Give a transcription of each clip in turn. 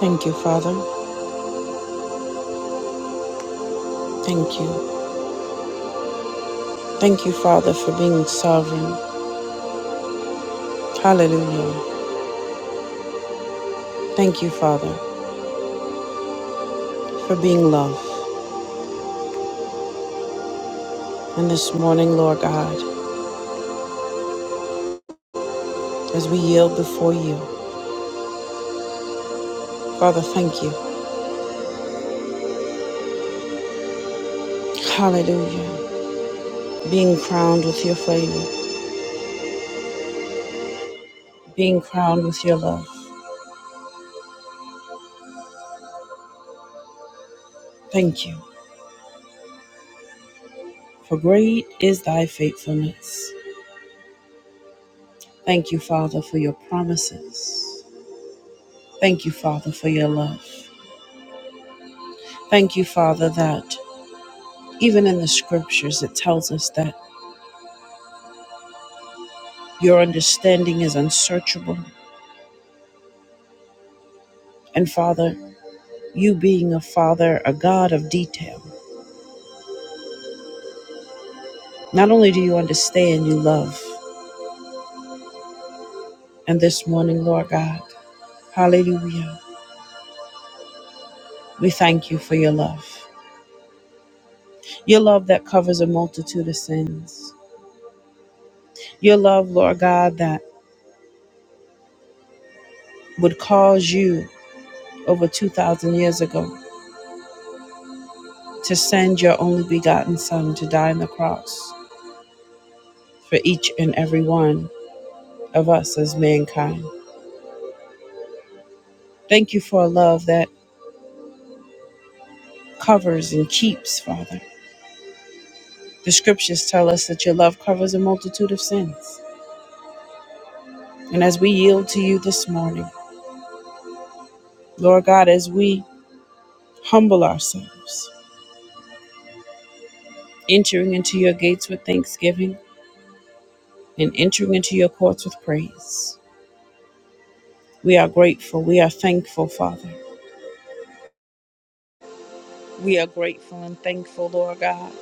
Thank you, Father. Thank you. Thank you, Father, for being sovereign. Hallelujah. Thank you, Father, for being love. And this morning, Lord God, as we yield before you, Father, thank you. Hallelujah. Being crowned with your favor, being crowned with your love. Thank you. For great is thy faithfulness. Thank you, Father, for your promises. Thank you, Father, for your love. Thank you, Father, that even in the scriptures it tells us that. Your understanding is unsearchable. And Father, you being a Father, a God of detail, not only do you understand, you love. And this morning, Lord God, hallelujah, we thank you for your love. Your love that covers a multitude of sins. Your love, Lord God, that would cause you over 2,000 years ago to send your only begotten Son to die on the cross for each and every one of us as mankind. Thank you for a love that covers and keeps, Father. The scriptures tell us that your love covers a multitude of sins. And as we yield to you this morning, Lord God, as we humble ourselves, entering into your gates with thanksgiving and entering into your courts with praise, we are grateful. We are thankful, Father. We are grateful and thankful, Lord God,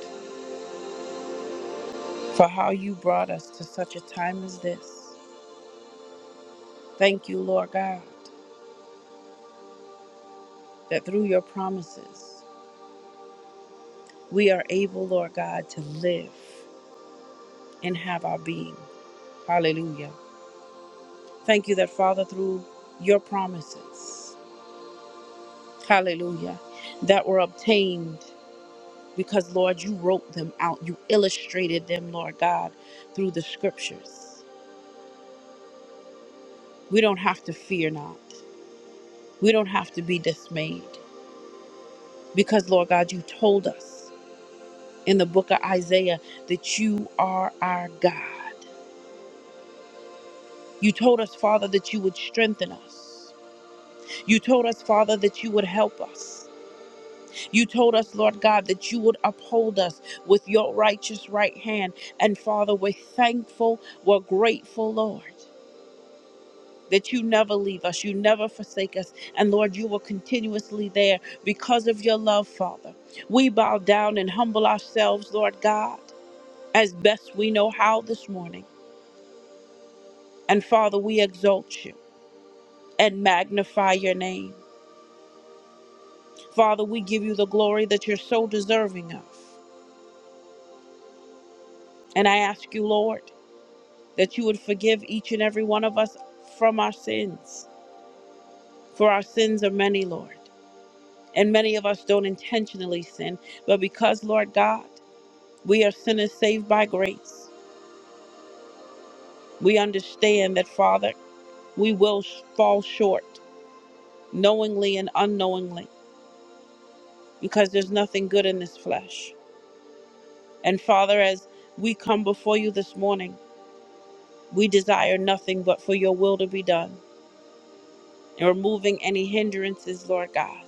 for how you brought us to such a time as this. Thank you, Lord God, that through your promises, we are able, Lord God, to live and have our being. Hallelujah. Thank you that, Father, through your promises, hallelujah, that were obtained because, Lord, you wrote them out. You illustrated them, Lord God, through the scriptures. We don't have to fear not. We don't have to be dismayed because, Lord God, you told us in the book of Isaiah that you are our God. You told us, Father, that you would strengthen us. You told us, Father, that you would help us. You told us, Lord God, that you would uphold us with your righteous right hand. And Father, we're thankful, we're grateful, Lord. That you never leave us, you never forsake us. And Lord, you were continuously there because of your love, Father. We bow down and humble ourselves, Lord God, as best we know how this morning. And Father, we exalt you and magnify your name. Father, we give you the glory that you're so deserving of. And I ask you, Lord. that you would forgive each and every one of us from our sins. For our sins are many, Lord. And many of us don't intentionally sin. But because, Lord God, we are sinners saved by grace, we understand that, Father, we will sh- fall short knowingly and unknowingly because there's nothing good in this flesh. And Father, as we come before you this morning, we desire nothing but for your will to be done and removing any hindrances, Lord God.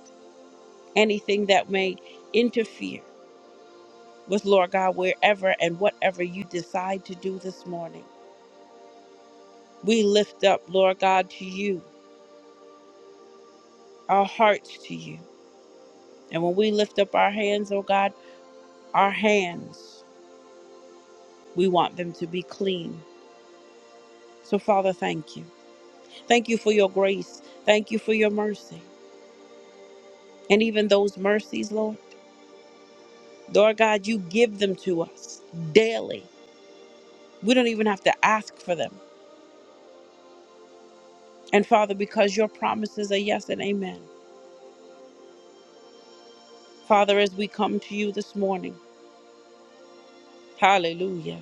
anything that may interfere with Lord God, wherever and whatever you decide to do this morning. We lift up, Lord God, to you, our hearts to you. And when we lift up our hands, oh God, our hands, we want them to be clean. So, Father, thank you. Thank you for your grace. Thank you for your mercy. And even those mercies, Lord, Lord God, you give them to us daily. We don't even have to ask for them. And Father, because your promises are yes and amen. Father, as we come to you this morning, hallelujah.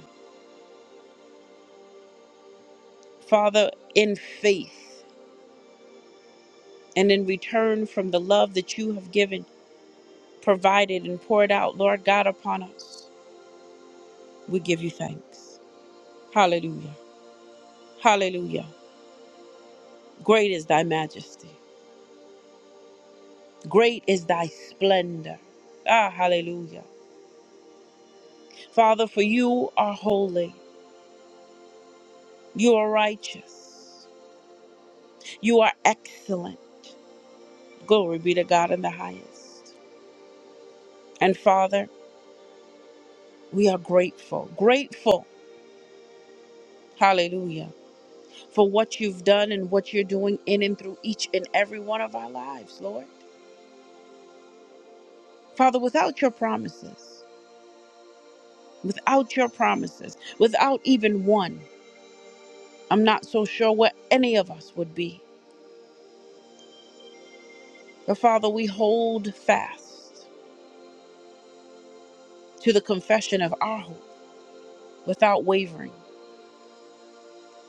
Father, in faith and in return from the love that you have given, provided, and poured out, Lord God, upon us, we give you thanks. Hallelujah. Hallelujah. Great is thy majesty, great is thy splendor. Ah, hallelujah. Father, for you are holy, you are righteous, you are excellent. Glory be to God in the highest. And Father, We are grateful, grateful, hallelujah, for what you've done and what you're doing in and through each and every one of our lives, Lord. Father, without your promises, without your promises, without even one, I'm not so sure where any of us would be. But Father, we hold fast to the confession of our hope without wavering,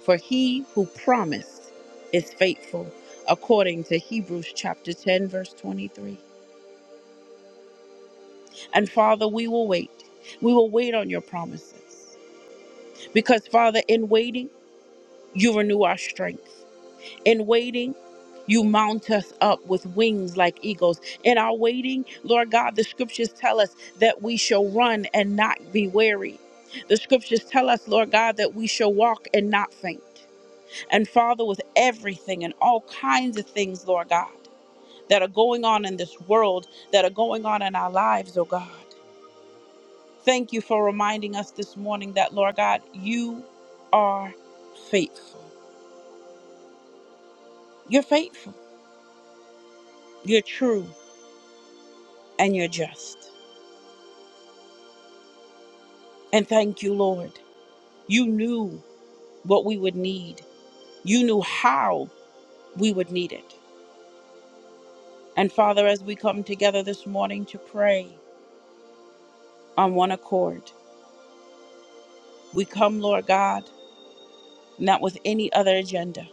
for he who promised is faithful, according to Hebrews chapter 10, verse 23. And Father, we will wait. We will wait on your promises. Because, Father, in waiting, you renew our strength. In waiting, you mount us up with wings like eagles. In our waiting, Lord God, the scriptures tell us that we shall run and not be weary. The scriptures tell us, Lord God, that we shall walk and not faint. And Father, with everything and all kinds of things, Lord God, that are going on in this world, that are going on in our lives, oh God. Thank you for reminding us this morning that, Lord God, you are faithful. You're faithful, you're true, and you're just. And thank you, Lord. You knew what we would need, you knew how we would need it. And Father, as we come together this morning to pray on one accord, we come, Lord God, not with any other agenda,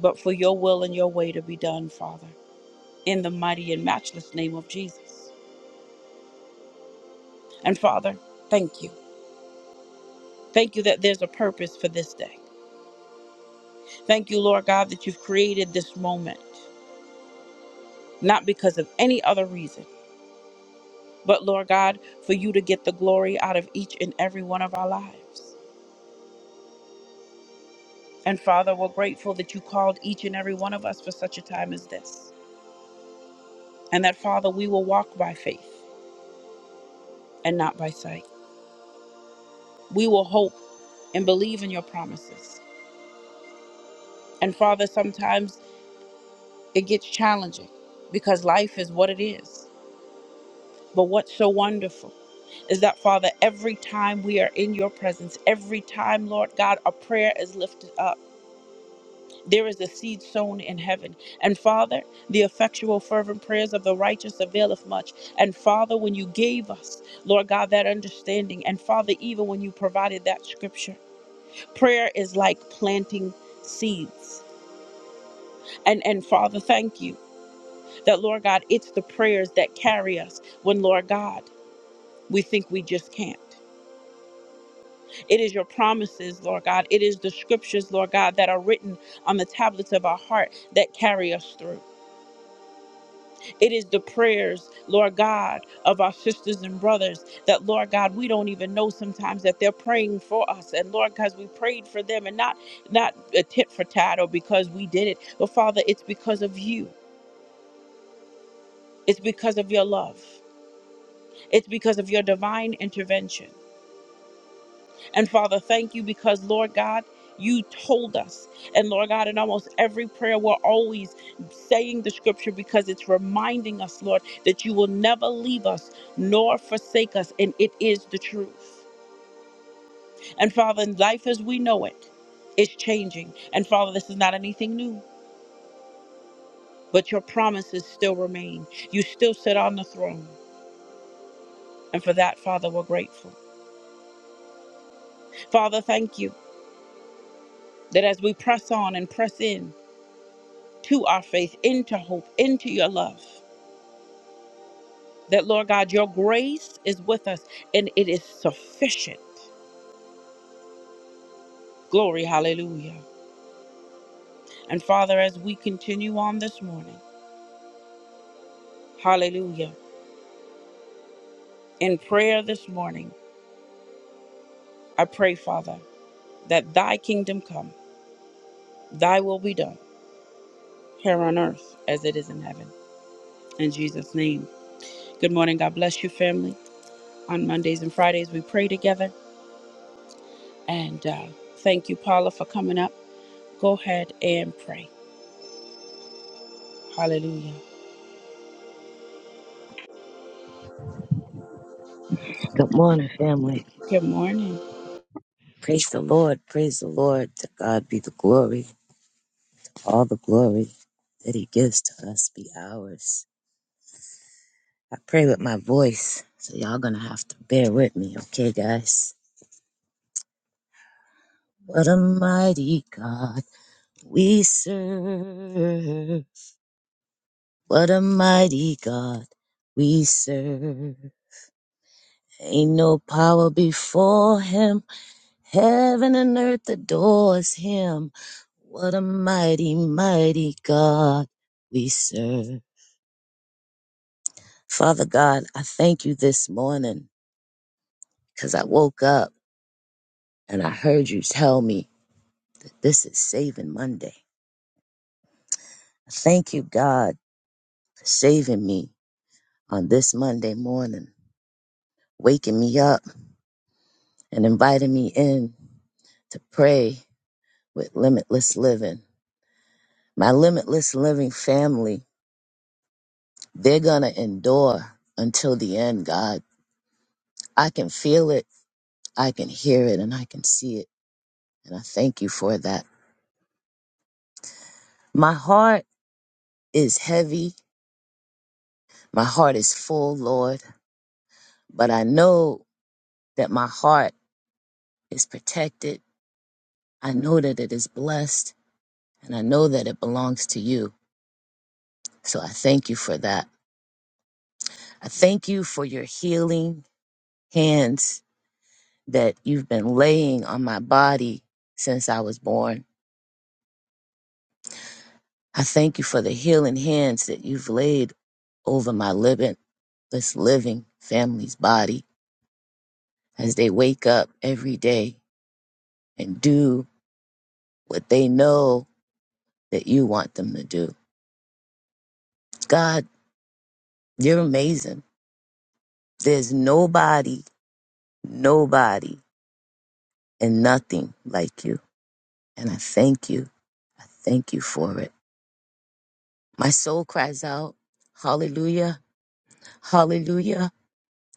but for your will and your way to be done, Father, in the mighty and matchless name of Jesus. And Father, thank you. Thank you that there's a purpose for this day. Thank you, Lord God, that you've created this moment, not because of any other reason, but Lord God, for you to get the glory out of each and every one of our lives. And Father, we're grateful that you called each and every one of us for such a time as this. And that, Father, we will walk by faith and not by sight. We will hope and believe in your promises. And Father, sometimes it gets challenging because life is what it is. But what's so wonderful? is that, Father, every time we are in your presence, every time, Lord God, a prayer is lifted up, there is a seed sown in heaven. And Father, the effectual, fervent prayers of the righteous availeth much. And Father, when you gave us, Lord God, that understanding, and Father, even when you provided that scripture, prayer is like planting seeds. And, and Father, thank you that, Lord God, it's the prayers that carry us when, Lord God, we think we just can't. It is your promises, Lord God. It is the scriptures, Lord God, that are written on the tablets of our heart that carry us through. It is the prayers, Lord God, of our sisters and brothers that, Lord God, we don't even know sometimes that they're praying for us. And Lord, because we prayed for them and not not a tit for tat or because we did it, but Father, it's because of you. It's because of your love. It's because of your divine intervention. And Father, thank you because, Lord God, you told us. And Lord God, in almost every prayer, we're always saying the scripture because it's reminding us, Lord, that you will never leave us nor forsake us. And it is the truth. And Father, life as we know it is changing. And Father, this is not anything new, but your promises still remain. You still sit on the throne. And for that, Father, we're grateful. Father, thank you that as we press on and press in, to our faith, into hope, into your love. That, Lord God, your grace is with us and it is sufficient. Glory, hallelujah. And Father, as we continue on this morning, hallelujah, in prayer this morning, I pray, Father, that thy kingdom come, thy will be done here on earth as it is in heaven. In Jesus' name. Good morning. God bless you, family. On Mondays and Fridays, we pray together. And uh, thank you, Paula, for coming up. Go ahead and pray. Hallelujah. Good morning, family. Good morning. Praise the Lord. Praise the Lord. To God be the glory. All the glory that He gives to us be ours. I pray with my voice, so y'all gonna have to bear with me, okay, guys? What a mighty God we serve. What a mighty God we serve. Ain't no power before Him. Heaven and earth adores him. What a mighty, mighty God we serve. Father God, I thank you this morning because I woke up and I heard you tell me that this is Saving Monday. I Thank you, God, for saving me on this Monday morning, waking me up and inviting me in to pray with limitless living. My limitless living family, they're going to endure until the end, God. I can feel it, I can hear it, and I can see it. And I thank you for that. My heart is heavy, my heart is full, Lord, but I know that my heart is protected. I know that it is blessed, and I know that it belongs to you. So I thank you for that. I thank you for your healing hands that you've been laying on my body since I was born. I thank you for the healing hands that you've laid over my living, this living family's body as they wake up every day and do what they know that you want them to do. God, you're amazing. There's nobody, nobody, and nothing like you. And I thank you. I thank you for it. My soul cries out, Hallelujah, Hallelujah,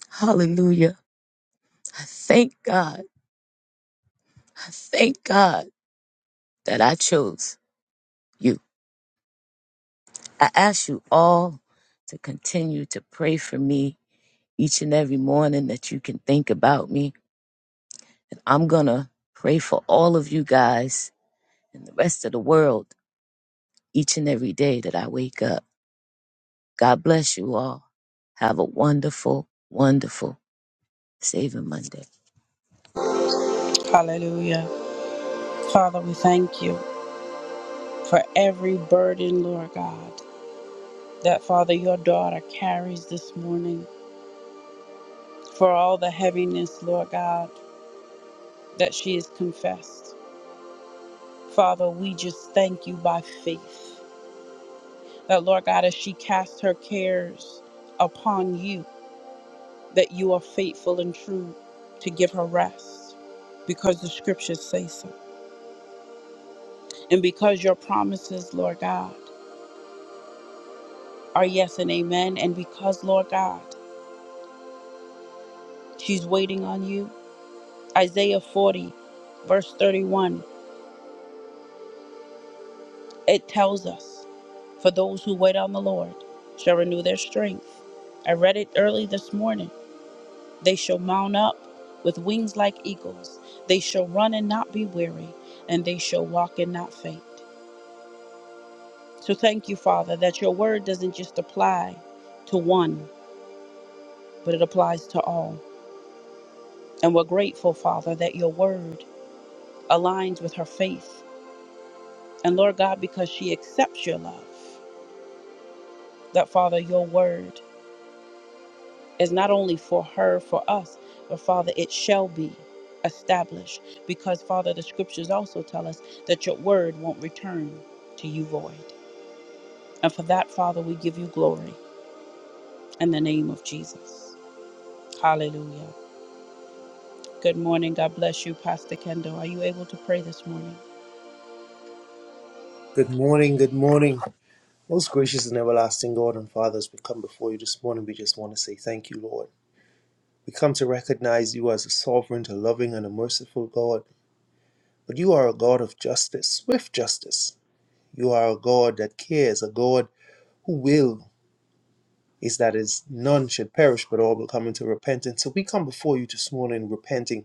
Hallelujah. I thank God. I thank God. that I chose you. I ask you all to continue to pray for me each and every morning that you can think about me. And I'm going to pray for all of you guys and the rest of the world each and every day that I wake up. God bless you all. Have a wonderful, wonderful Saving Monday. Hallelujah. Father, we thank you for every burden, Lord God, that Father, your daughter carries this morning, for all the heaviness, Lord God, that she has confessed. Father, we just thank you by faith that, Lord God, as she casts her cares upon you, that you are faithful and true to give her rest because the scriptures say so. And because your promises, Lord God, are yes and amen. And because, Lord God, she's waiting on you, Isaiah 40, verse 31, it tells us, For those who wait on the Lord shall renew their strength. I read it early this morning. They shall mount up with wings like eagles. They shall run and not be weary, and they shall walk and not faint. So thank you, Father, that your word doesn't just apply to one, but it applies to all. And we're grateful, Father, that your word aligns with her faith. And Lord God, because she accepts your love, that Father, your word is not only for her, for us, but Father, it shall be established. Because Father, the scriptures also tell us that your word won't return to you void. And for that, Father, we give you glory in the name of Jesus. Hallelujah. Good morning. God bless you, Pastor Kendall. Are you able to pray this morning? Good morning, good morning. Most gracious and everlasting God and Father, as we come before you this morning, we just want to say thank you, Lord. We come to recognize you as a sovereign, a loving, and a merciful God, but you are a God of justice, swift justice. You are a God that cares, a God who will is that is none should perish, but all will come into repentance. So we come before you this morning repenting,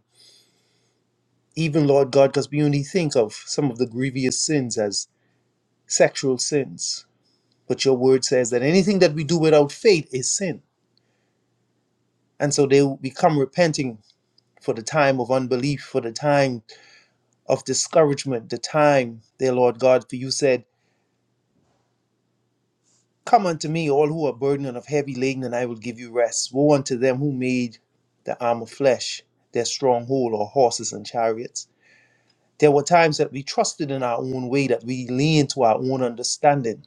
even Lord God, because we only think of some of the grievous sins as sexual sins. But your word says that anything that we do without faith is sin. And so they will become repenting for the time of unbelief, for the time of discouragement, the time, dear Lord God, for you said, Come unto me, all who are burdened and of heavy laden, and I will give you rest. Woe unto them who made the arm of flesh their stronghold or horses and chariots. There were times that we trusted in our own way, that we leaned to our own understanding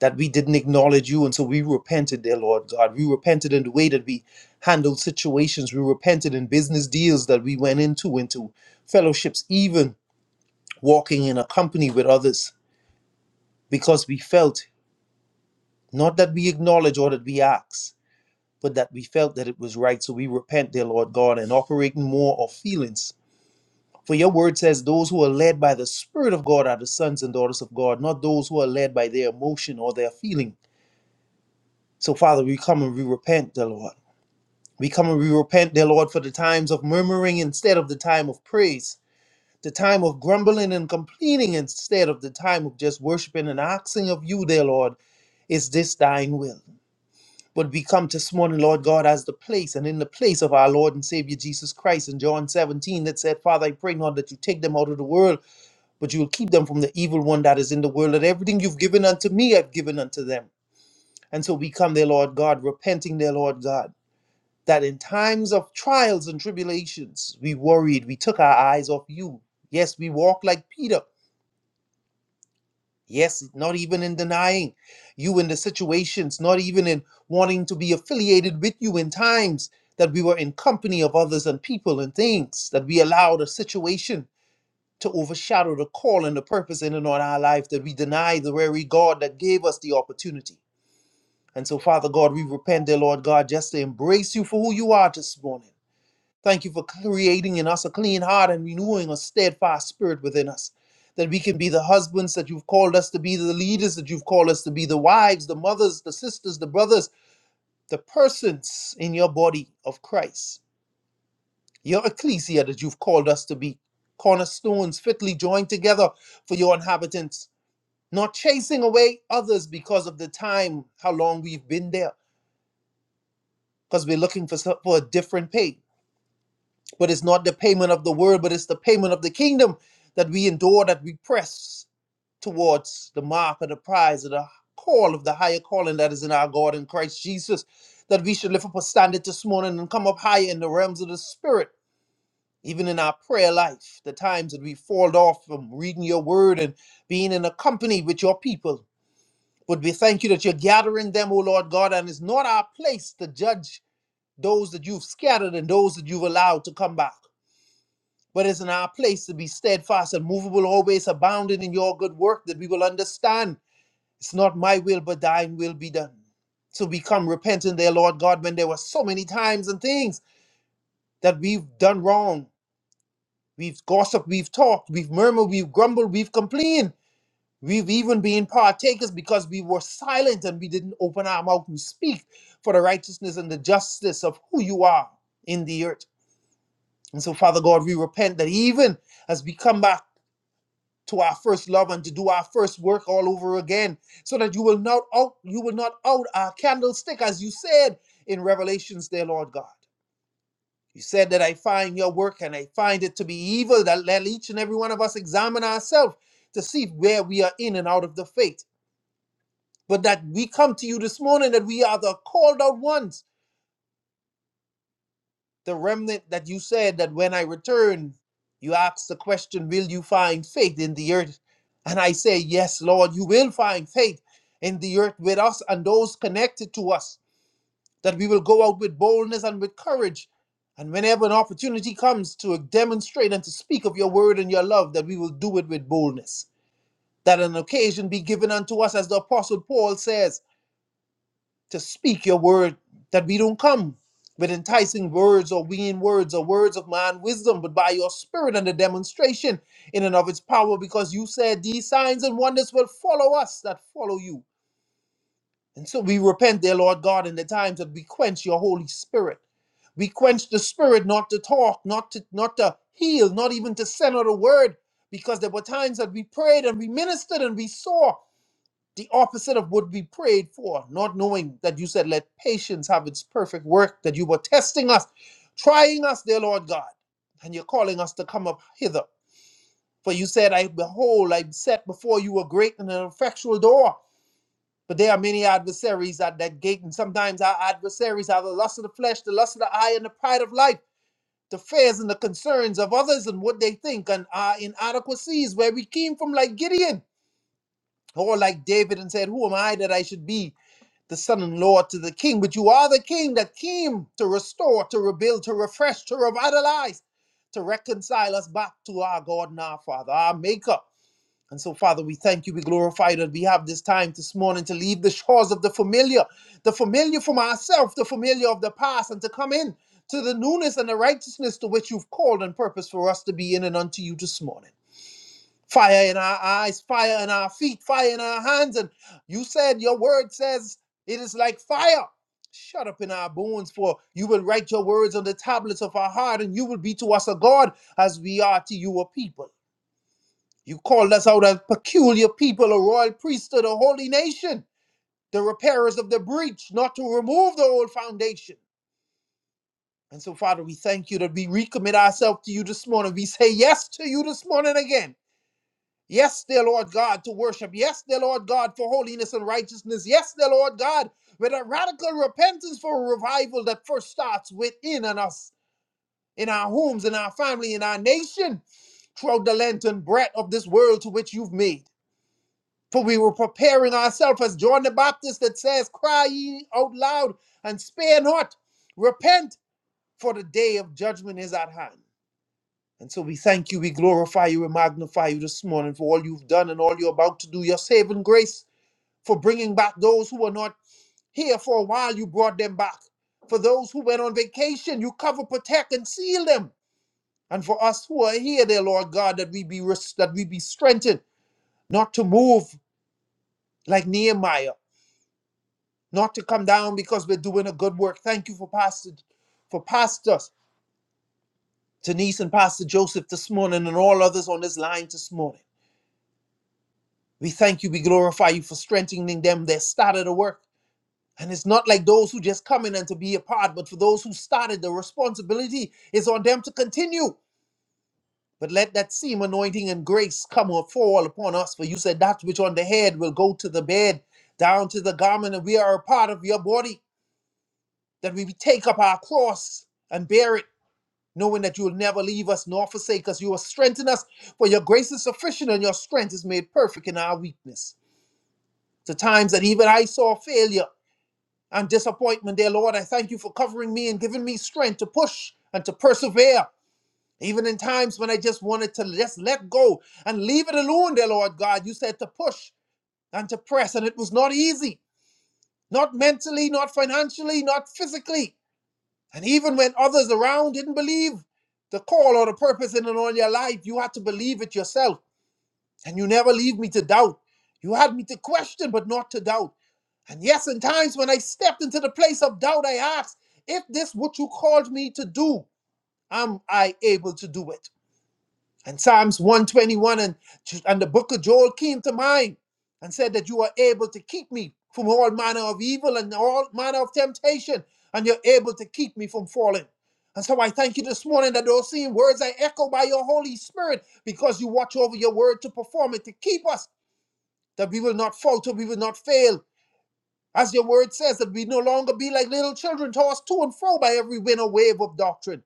that we didn't acknowledge you. And so we repented, dear Lord God. We repented in the way that we handled situations. We repented in business deals that we went into, into fellowships, even walking in a company with others, because we felt not that we acknowledge or that we ask, but that we felt that it was right. So we repent, dear Lord God, and operate more of feelings. For your word says, those who are led by the Spirit of God are the sons and daughters of God, not those who are led by their emotion or their feeling. So, Father, we come and we repent, dear Lord. We come and we repent, dear Lord, for the times of murmuring instead of the time of praise, the time of grumbling and complaining instead of the time of just worshiping and asking of you, dear Lord, is this thine will? But we come this morning, Lord God, as the place and in the place of our Lord and Savior Jesus Christ in John 17 that said, Father, I pray not that you take them out of the world, but you will keep them from the evil one that is in the world. That everything you've given unto me, I've given unto them. And so we come, dear Lord God, repenting, dear Lord God that in times of trials and tribulations, we worried, we took our eyes off you. Yes, we walked like Peter. Yes, not even in denying you in the situations, not even in wanting to be affiliated with you in times that we were in company of others and people and things, that we allowed a situation to overshadow the call and the purpose in and on our life, that we deny the very God that gave us the opportunity. And so, Father God, we repent, dear Lord God, just to embrace you for who you are this morning Thank you for creating in us a clean heart and renewing a steadfast spirit within us. That we can be the husbands that you've called us to be, the leaders that you've called us to be, the wives, the mothers, the sisters, the brothers, the persons in your body of Christ, your ecclesia that you've called us to be, cornerstones fitly joined together for your inhabitants, not chasing away others because of the time, how long we've been there, because we're looking for, so- for a different pay. But it's not the payment of the world, but it's the payment of the kingdom that we endure, that we press towards the mark of the prize of the call of the higher calling that is in our God in Christ Jesus. That we should lift up a standard this morning and come up higher in the realms of the Spirit, even in our prayer life, the times that we fall off from reading your word and being in a company with your people. But we thank you that you're gathering them, O Lord God, and it's not our place to judge those that you've scattered and those that you've allowed to come back. But it's in our place to be steadfast and movable, always abounding in your good work, that we will understand it's not my will, but thine will be done. So we come repenting there, Lord God, when there were so many times and things that we've done wrong. We've gossiped, we've talked, we've murmured, we've grumbled, we've complained. We've even been partakers because we were silent and we didn't open our mouth and speak for the righteousness and the justice of who you are in the earth. And so, Father God, we repent that even as we come back to our first love and to do our first work all over again so that you will not out you will not out our candlestick as you said in revelations dear lord god you said that i find your work and i find it to be evil that let each and every one of us examine ourselves to see where we are in and out of the faith but that we come to you this morning that we are the called out ones the remnant that you said that when I return, you ask the question, Will you find faith in the earth? And I say, Yes, Lord, you will find faith in the earth with us and those connected to us, that we will go out with boldness and with courage. And whenever an opportunity comes to demonstrate and to speak of your word and your love, that we will do it with boldness. That an occasion be given unto us, as the Apostle Paul says to speak your word, that we don't come with enticing words or vain words or words of man wisdom, but by your spirit and the demonstration in and of its power, because you said these signs and wonders will follow us that follow you. And so we repent, dear Lord God, in the times that we quench your Holy Spirit. We quench the spirit not to talk, not to not to heal, not even to send out a word. Because there were times that we prayed and we ministered and we saw the opposite of what we prayed for, not knowing that you said, Let patience have its perfect work, that you were testing us, trying us, dear Lord God, and you're calling us to come up hither. For you said, I behold, I set before you a great and an effectual door. But there are many adversaries at that gate, and sometimes our adversaries are the lust of the flesh, the lust of the eye, and the pride of life, the fears and the concerns of others and what they think, and our inadequacies where we came from, like Gideon, or like David, and said, Who am I that I should be? the son-in-law to the king, but you are the king that came to restore, to rebuild, to refresh, to revitalize, to reconcile us back to our God and our Father, our Maker. And so, Father, we thank you, we glorify that we have this time this morning to leave the shores of the familiar, the familiar from ourselves, the familiar of the past, and to come in to the newness and the righteousness to which you've called and purposed for us to be in and unto you this morning fire in our eyes, fire in our feet, fire in our hands. And you said, Your word says it is like fire. Shut up in our bones, for you will write your words on the tablets of our heart, and you will be to us a God as we are to you a people. You called us out a peculiar people, a royal priesthood, a holy nation, the repairers of the breach, not to remove the old foundation. And so, Father, we thank you that we recommit ourselves to you this morning. We say yes to you this morning again. Yes, dear Lord God, to worship. Yes, dear Lord God, for holiness and righteousness. Yes, dear Lord God, with a radical repentance for a revival that first starts within and us, in our homes, in our family, in our nation, throughout the length and breadth of this world to which you've made. For we were preparing ourselves as John the Baptist that says, Cry ye out loud and spare not. Repent, for the day of judgment is at hand. And so we thank you, we glorify you, we magnify you this morning for all you've done and all you're about to do. Your saving grace for bringing back those who were not here for a while, you brought them back. For those who went on vacation, you cover, protect, and seal them. And for us who are here, dear Lord God, that we be res- that we be strengthened, not to move like Nehemiah, not to come down because we're doing a good work. Thank you for Pastor, for Pastor Denise and Pastor Joseph this morning, and all others on this line this morning. We thank you, we glorify you for strengthening them that started the work. And it's not like those who just come in and to be a part, but for those who started, the responsibility is on them to continue. But let that same anointing and grace come or fall upon us. For you said that which on the head will go to the bed, down to the garment, and we are a part of your body. That we take up our cross and bear it, knowing that you will never leave us nor forsake us. You will strengthen us, for your grace is sufficient and your strength is made perfect in our weakness. To times that even I saw failure and disappointment, dear Lord, I thank you for covering me and giving me strength to push and to persevere. Even in times when I just wanted to just let go and leave it alone, dear Lord God, you said to push and to press, and it was not easy, not mentally, not financially, not physically. And even when others around didn't believe the call or the purpose in and on your life, you had to believe it yourself. And you never leave me to doubt. You had me to question, but not to doubt. And yes, in times when I stepped into the place of doubt, I asked, if this what you called me to do, am I able to do it? And Psalms 121 and, and the book of Joel came to mind and said that you are able to keep me from all manner of evil and all manner of temptation, and you're able to keep me from falling. And so I thank you this morning that those same words I echo by your Holy Spirit because you watch over your word to perform it, to keep us that we will not falter, we will not fail. As your word says, that we no longer be like little children tossed to and fro by every wind or wave of doctrine,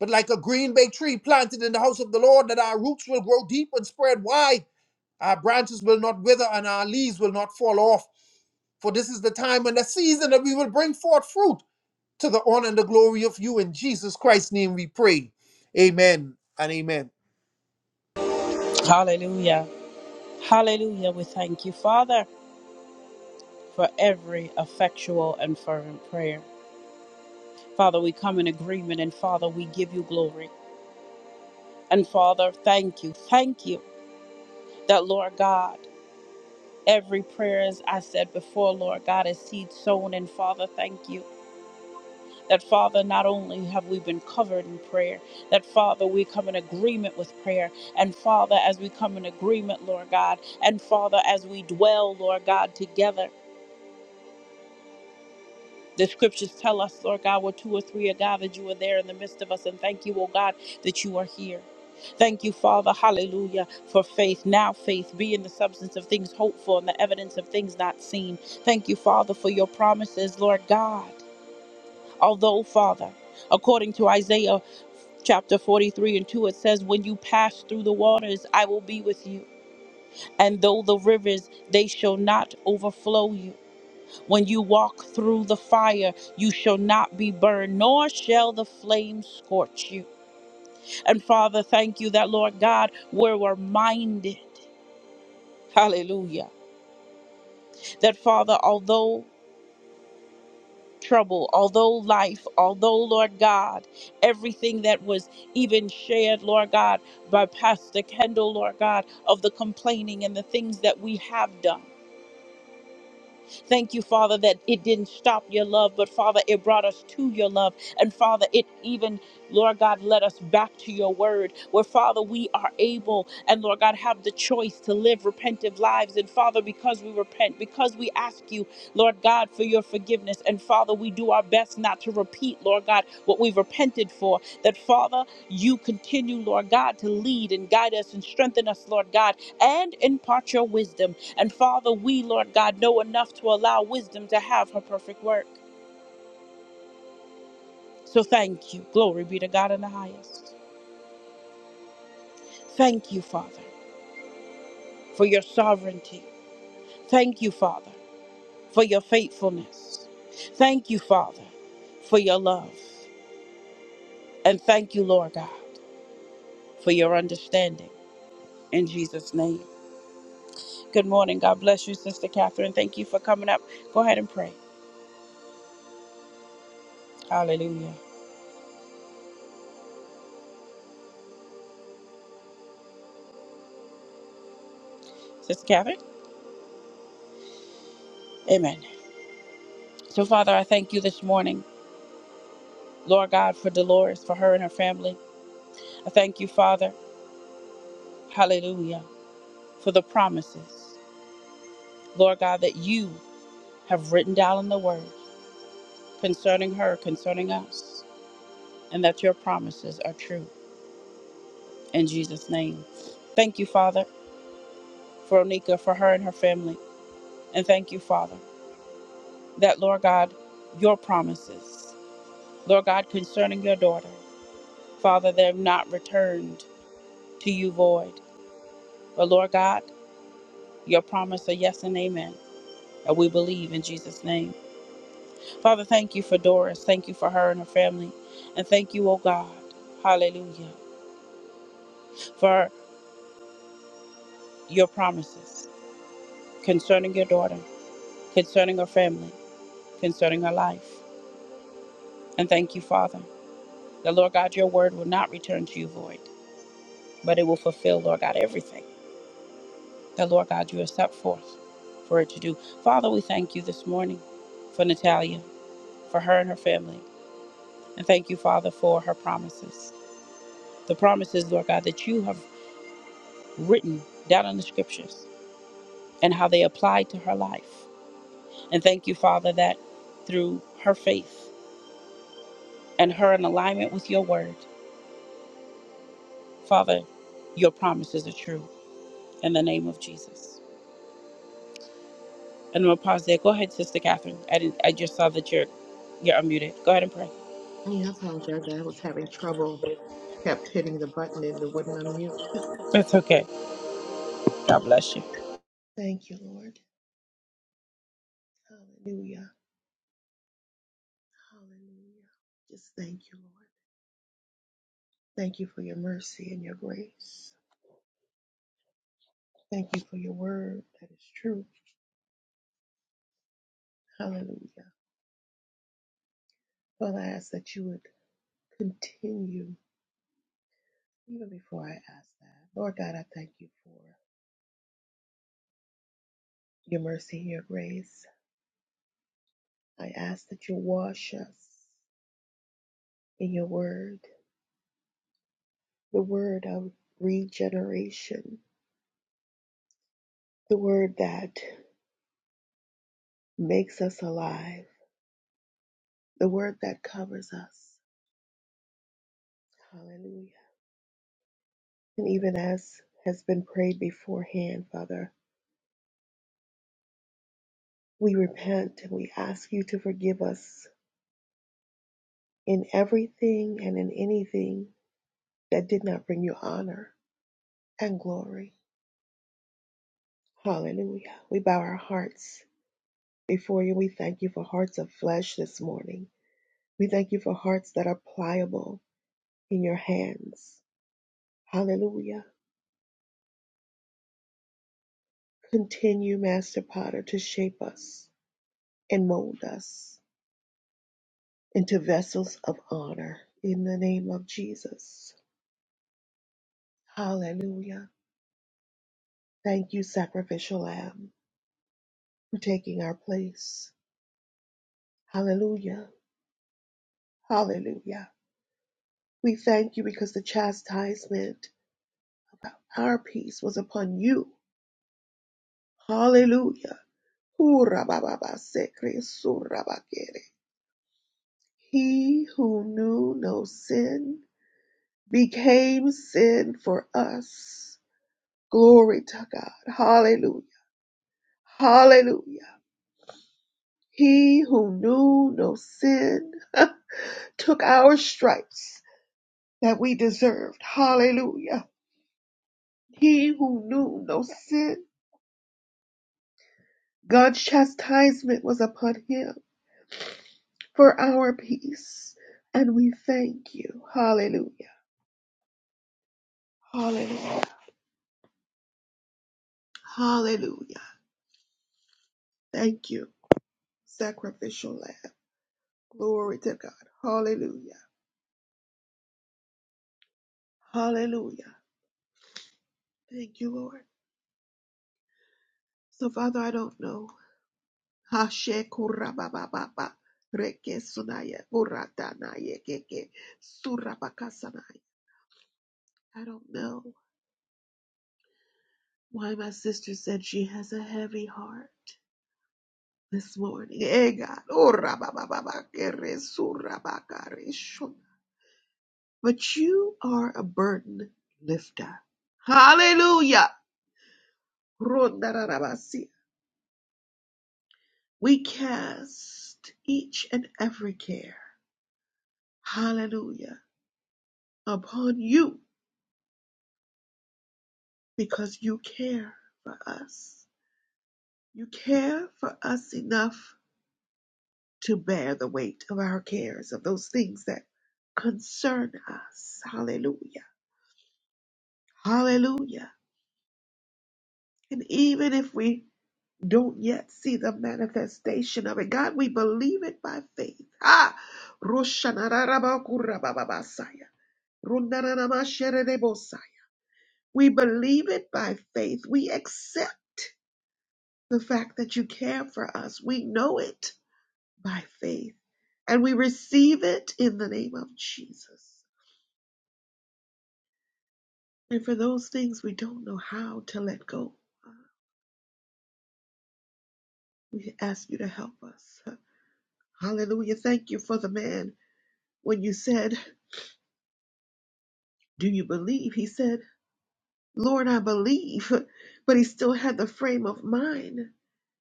but like a green bay tree planted in the house of the Lord, that our roots will grow deep and spread wide, our branches will not wither, and our leaves will not fall off. For this is the time and the season that we will bring forth fruit to the honor and the glory of you. In Jesus Christ's name we pray. Amen and amen. Hallelujah. Hallelujah. We thank you, Father. for every effectual and fervent prayer. Father, we come in agreement and Father, we give you glory. And Father, thank you. Thank you that, Lord God, every prayer, as I said before, Lord God, is seed sown. And Father, thank you that, Father, not only have we been covered in prayer, that, Father, we come in agreement with prayer. And Father, as we come in agreement, Lord God, and Father, as we dwell, Lord God, together. The scriptures tell us, Lord God, where two or three are gathered, you are there in the midst of us. And thank you, oh God, that you are here. Thank you, Father, hallelujah, for faith. Now, faith being the substance of things hoped for and the evidence of things not seen. Thank you, Father, for your promises, Lord God. Although, Father, according to Isaiah chapter 43 and 2, it says, When you pass through the waters, I will be with you. And though the rivers, they shall not overflow you. When you walk through the fire, you shall not be burned, nor shall the flame scorch you. And Father, thank you that, Lord God, we're reminded, hallelujah, that Father, although trouble, although life, although, Lord God, everything that was even shared, Lord God, by Pastor Kendall, Lord God, of the complaining and the things that we have done. Thank you, Father, that it didn't stop your love, but Father, it brought us to your love. And Father, it even Lord God, led us back to your word, where Father, we are able and Lord God, have the choice to live repentive lives. And Father, because we repent, because we ask you, Lord God, for your forgiveness. And Father, we do our best not to repeat, Lord God, what we've repented for. That Father, you continue, Lord God, to lead and guide us and strengthen us, Lord God, and impart your wisdom. And Father, we, Lord God, know enough to allow wisdom to have her perfect work. So thank you. Glory be to God in the highest. Thank you, Father, for your sovereignty. Thank you, Father, for your faithfulness. Thank you, Father, for your love. And thank you, Lord God, for your understanding. In Jesus' name. Good morning. God bless you, Sister Catherine. Thank you for coming up. Go ahead and pray. Hallelujah. Sister Catherine? Amen. So, Father, I thank you this morning. Lord God, for Dolores, for her and her family. I thank you, Father, hallelujah, for the promises, Lord God, that you have written down in the word concerning her, concerning us, and that your promises are true. In Jesus' name. Thank you, Father, for Onika, for her and her family. And thank you, Father, that, Lord God, your promises, Lord God, concerning your daughter, Father, they have not returned to you void. But, Lord God, your promise are yes and amen. And we believe in Jesus' name. Father, thank you for Doris. Thank you for her and her family. And thank you, oh God, hallelujah, for your promises concerning your daughter, concerning her family, concerning her life. And thank you, Father, that Lord God, your word will not return to you void, but it will fulfill, Lord God, everything that Lord God, you have set forth for it to do. Father, we thank you this morning for Natalia, for her and her family. And thank you, Father, for her promises. The promises, Lord God, that you have written down in the scriptures and how they apply to her life. And thank you, Father, that through her faith and her in alignment with your word, Father, your promises are true in the name of Jesus. And we'll pause there. Go ahead, Sister Catherine. I, didn't, I just saw that you're, you're unmuted. Go ahead and pray. Yeah, I apologize. I was having trouble. Kept hitting the button and it wouldn't unmute. That's okay. God bless you. Thank you, Lord. Hallelujah. Hallelujah. Just thank you, Lord. Thank you for your mercy and your grace. Thank you for your word that is true. Hallelujah. Father, I ask that you would continue. Even before I ask that, Lord God, I thank you for your mercy and your grace. I ask that you wash us in your word, the word of regeneration, the word that makes us alive, the word that covers us. Hallelujah. And even as has been prayed beforehand, Father, we repent and we ask you to forgive us in everything and in anything that did not bring you honor and glory. Hallelujah. We bow our hearts before you. We thank you for hearts of flesh this morning. We thank you for hearts that are pliable in your hands. Hallelujah. Continue, Master Potter, to shape us and mold us into vessels of honor in the name of Jesus. Hallelujah. Thank you, sacrificial lamb, for taking our place. Hallelujah. Hallelujah. We thank you because the chastisement of our peace was upon you. Hallelujah. Hurabababasekre surabakere. He who knew no sin became sin for us. Glory to God. Hallelujah! Hallelujah. He who knew no sin took our stripes that we deserved. Hallelujah. He who knew no sin, God's chastisement was upon him for our peace. And we thank you. Hallelujah. Hallelujah. Hallelujah. Thank you, sacrificial lamb. Glory to God. Hallelujah. Hallelujah. Thank you, Lord. So, Father, I don't know. Hashe kurabababa reke sunaya uratanaye keke surabakasanaya. I don't know why my sister said she has a heavy heart this morning. Eh, urabababa kere surabakare shun. But you are a burden lifter. Hallelujah. Rundararabasi. We cast each and every care. Hallelujah. Upon you because you care for us. You care for us enough to bear the weight of our cares, of those things that concern us. Hallelujah. Hallelujah. And even if we don't yet see the manifestation of it, God, we believe it by faith. Ah, Roshanarabakurababamasaya, Rundaranamashierebosai. we believe it by faith. We accept the fact that you care for us. We know it. by faith. And we receive it in the name of Jesus. And for those things we don't know how to let go, we ask you to help us. Hallelujah. Thank you for the man. When you said, Do you believe? He said, Lord, I believe. But he still had the frame of mind.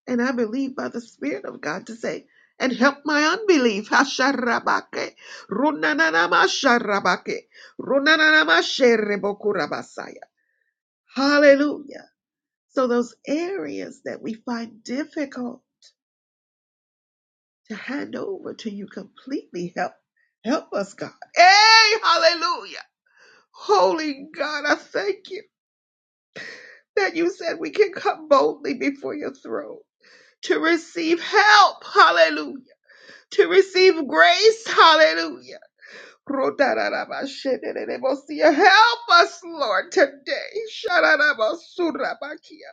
And I believe by the Spirit of God to say, and help my unbelief. Hasharabake. Runananamasharabake. Runananamasherebekurabasaya. Hallelujah. So those areas that we find difficult to hand over to you completely help help us, God. Hey, hallelujah. Holy God, I thank you that you said we can come boldly before your throne to receive help. Hallelujah. To receive grace. Hallelujah Rodarabashenenebosia. Help us, Lord, today. Shararabasurabakia.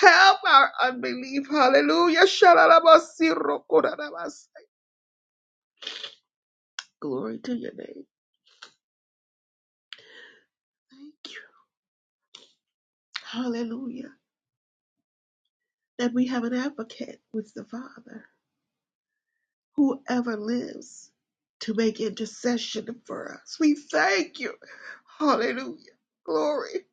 Help our unbelief. Hallelujah. Shararabasirokorarabas. Glory to your name. Thank you. Hallelujah. That we have an advocate with the Father, whoever lives to make intercession for us. We thank you. Hallelujah. Glory.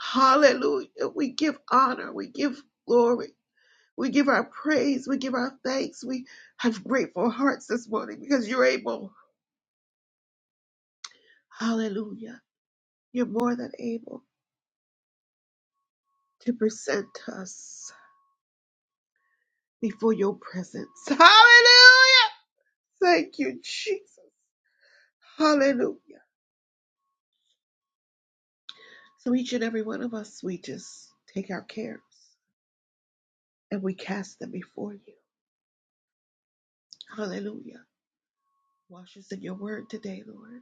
Hallelujah. We give honor. We give glory. We give our praise. We give our thanks. We have grateful hearts this morning because you're able. Hallelujah. You're more than able to present us before your presence. Hallelujah. Thank you, Jesus. Hallelujah. So each and every one of us, we just take our cares and we cast them before you. Hallelujah. Wash us in your word today, Lord.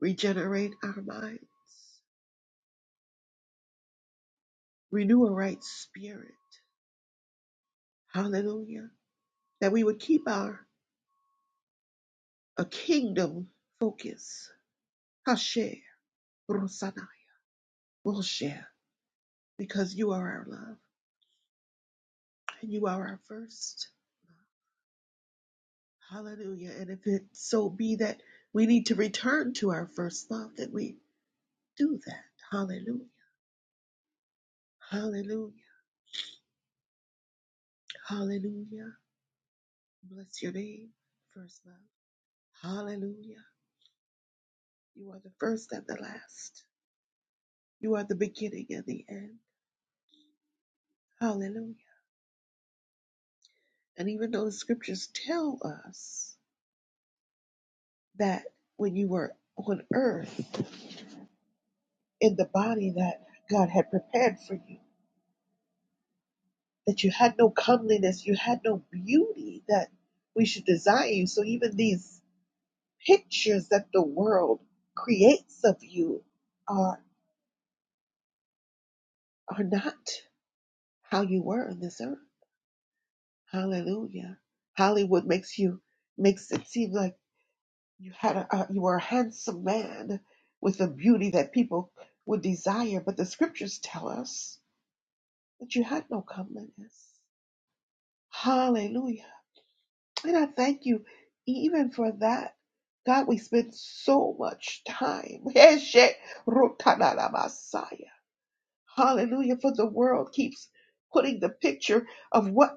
Regenerate our minds. Renew a right spirit. Hallelujah that we would keep our a kingdom focus. Hasher, Rosanai, Moshe, because you are our love and you are our first. Hallelujah. And if it so be that we need to return to our first love, that we do that. Hallelujah. Hallelujah. Hallelujah. Bless your name, first love. Hallelujah. You are the first and the last. You are the beginning and the end. Hallelujah. And even though the scriptures tell us that when you were on earth in the body that God had prepared for you, that you had no comeliness, you had no beauty that we should desire you. So even these pictures that the world creates of you are are not how you were on this earth. Hallelujah. Hollywood makes you makes it seem like you had a, a you were a handsome man with a beauty that people would desire, but the scriptures tell us that you had no comeliness. Hallelujah. And I thank you even for that. God, we spend so much time. Heshe rotadala Messiah. Hallelujah. For the world keeps putting the picture of what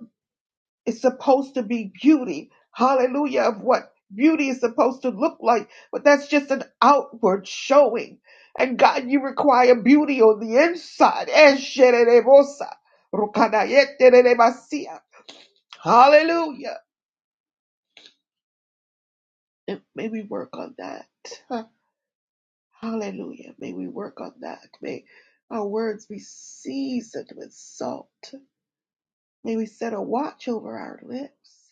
is supposed to be beauty. Hallelujah. Of what beauty is supposed to look like. But that's just an outward showing. And God, you require beauty on the inside. Eshe rerebosa, rokadayete rerebasia. Hallelujah. And may we work on that. Huh. Hallelujah. May we work on that. May our words be seasoned with salt. May we set a watch over our lips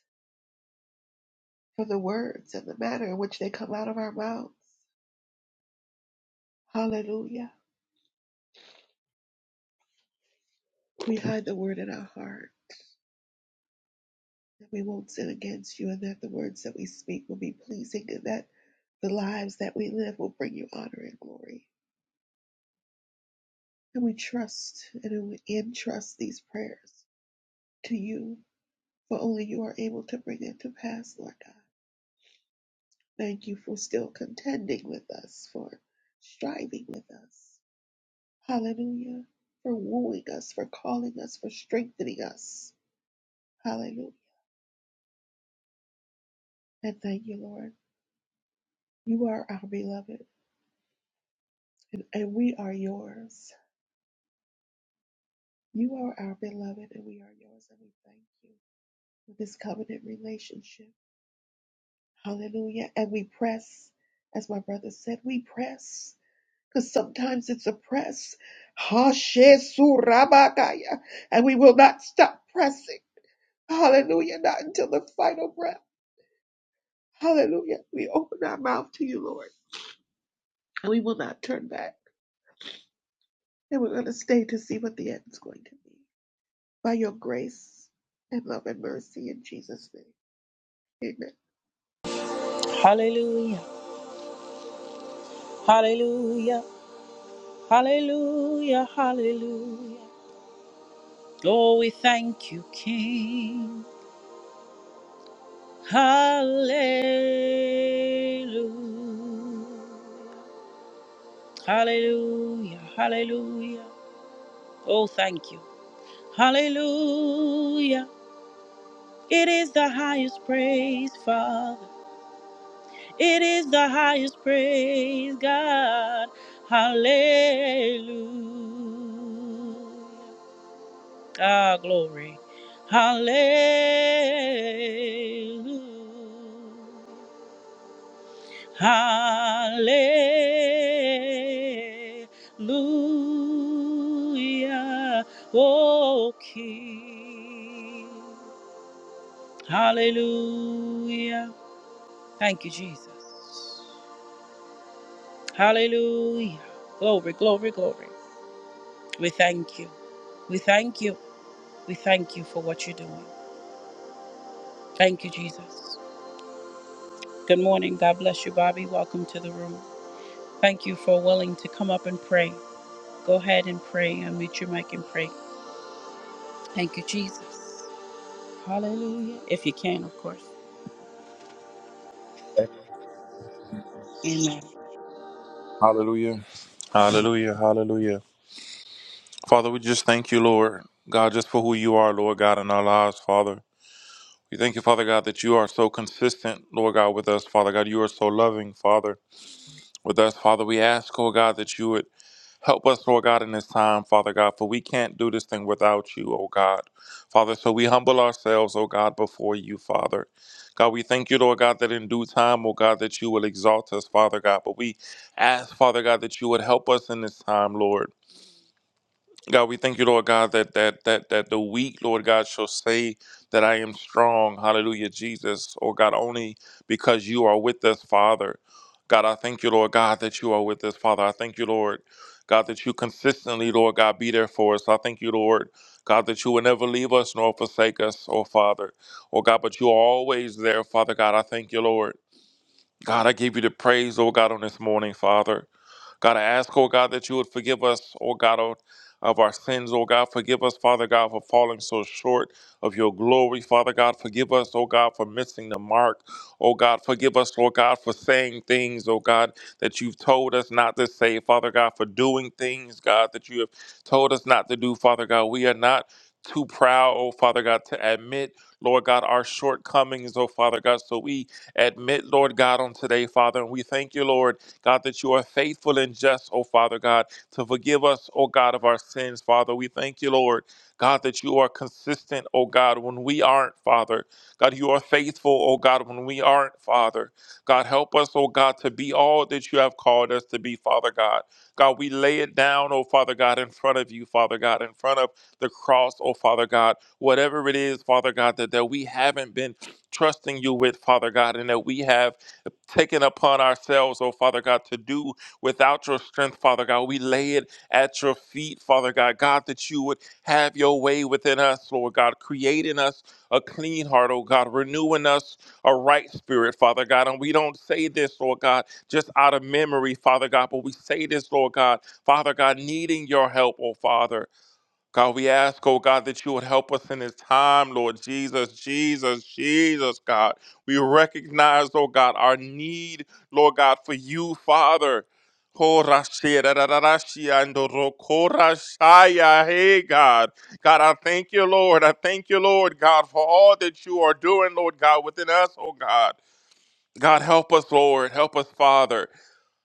for the words and the manner in which they come out of our mouths. Hallelujah. We hide the word in our heart that we won't sin against you and that the words that we speak will be pleasing and that the lives that we live will bring you honor and glory. And we trust and we entrust these prayers to you For only you are able to bring it to pass, Lord God. Thank you for still contending with us, for striving with us. Hallelujah. For wooing us, for calling us, for strengthening us. Hallelujah. And thank you, Lord. You are our beloved, and, and we are yours. You are our beloved, and we are yours, and we thank you for this covenant relationship. Hallelujah. And we press, as my brother said, we press because sometimes it's a press. Hashesurabakaya. And we will not stop pressing. Hallelujah. Not until the final breath. Hallelujah. We open our mouth to you, Lord. And we will not turn back. And we're going to stay to see what the end is going to be. By your grace and love and mercy in Jesus' name. Amen. Hallelujah. Hallelujah. Hallelujah. Hallelujah. Oh, we thank you, King. Hallelujah. Hallelujah. Hallelujah. Oh, thank you. Hallelujah. It is the highest praise, Father. It is the highest praise, God. Hallelujah. Ah, glory. Hallelujah. Hallelujah, O King. Hallelujah. Thank you, Jesus. Hallelujah. Glory, glory, glory. We thank you. We thank you. We thank you for what you're doing. Thank you, Jesus. Good morning. God bless you, Bobby. Welcome to the room. Thank you for willing to come up and pray. Go ahead and pray. Unmute your mic and pray. Thank you, Jesus. Hallelujah. If you can, of course. Amen. Hallelujah. Hallelujah. Hallelujah. Father, we just thank you, Lord God, just for who you are, Lord God, in our lives, Father. We thank you, Father God, that you are so consistent, Lord God, with us, Father God. You are so loving, Father, with us, Father. We ask, oh God, that you would Help us, Lord God, in this time, Father God, for we can't do this thing without you, oh God. Father, so we humble ourselves, oh God, before you, Father. God, we thank you, Lord God, that in due time, oh God, that you will exalt us, Father God. But we ask, Father God, that you would help us in this time, Lord. God, we thank you, Lord God, that that that that the weak, Lord God, shall say that I am strong. Hallelujah, Jesus. Oh God, only because you are with us, Father. God, I thank you, Lord God, that you are with us, Father. I thank you, Lord God, that you consistently, Lord God, be there for us. I thank you, Lord God, that you will never leave us nor forsake us, oh Father. Oh God, but you are always there, Father God. I thank you, Lord. God, I give you the praise, oh God, on this morning, Father. God, I ask, oh God, that you would forgive us, oh God, of of our sins, oh God. Forgive us, Father God, for falling so short of your glory, Father God. Forgive us, oh God, for missing the mark, oh God. Forgive us, Lord God, for saying things, oh God, that you've told us not to say, Father God, for doing things, God, that you have told us not to do, Father God. We are not too proud, oh Father God, to admit, Lord God, our shortcomings, oh Father God. So we admit, Lord God, on today, Father, and we thank you, Lord. God, that you are faithful and just, oh Father God, to forgive us, oh God, of our sins, Father. We thank you, Lord, God, that you are consistent, oh God, when we aren't, Father. God, you are faithful, oh God, when we aren't, Father. God, help us, oh God, to be all that you have called us to be, Father God. God, we lay it down, oh Father God, in front of you, Father God, in front of the cross, oh Father God, whatever it is, Father God, that, that we haven't been trusting you with, Father God, and that we have taken upon ourselves, oh Father God, to do without your strength, Father God. We lay it at your feet, Father God. God, that you would have your way within us, Lord God, creating us a clean heart, oh God, renewing us a right spirit, Father God. And we don't say this, Lord God, just out of memory, Father God, but we say this, Lord God, Father God, needing your help, oh Father. God, we ask, oh God, that you would help us in this time, Lord Jesus, Jesus, Jesus, God. We recognize, oh God, our need, Lord God, for you, Father. Oh, Rashi, da, da, da, Rashi, and the Roko Rashaya. Hey, God. God, I thank you, Lord. I thank you, Lord, God, for all that you are doing, Lord God, within us, oh God. God, help us, Lord. Help us, Father.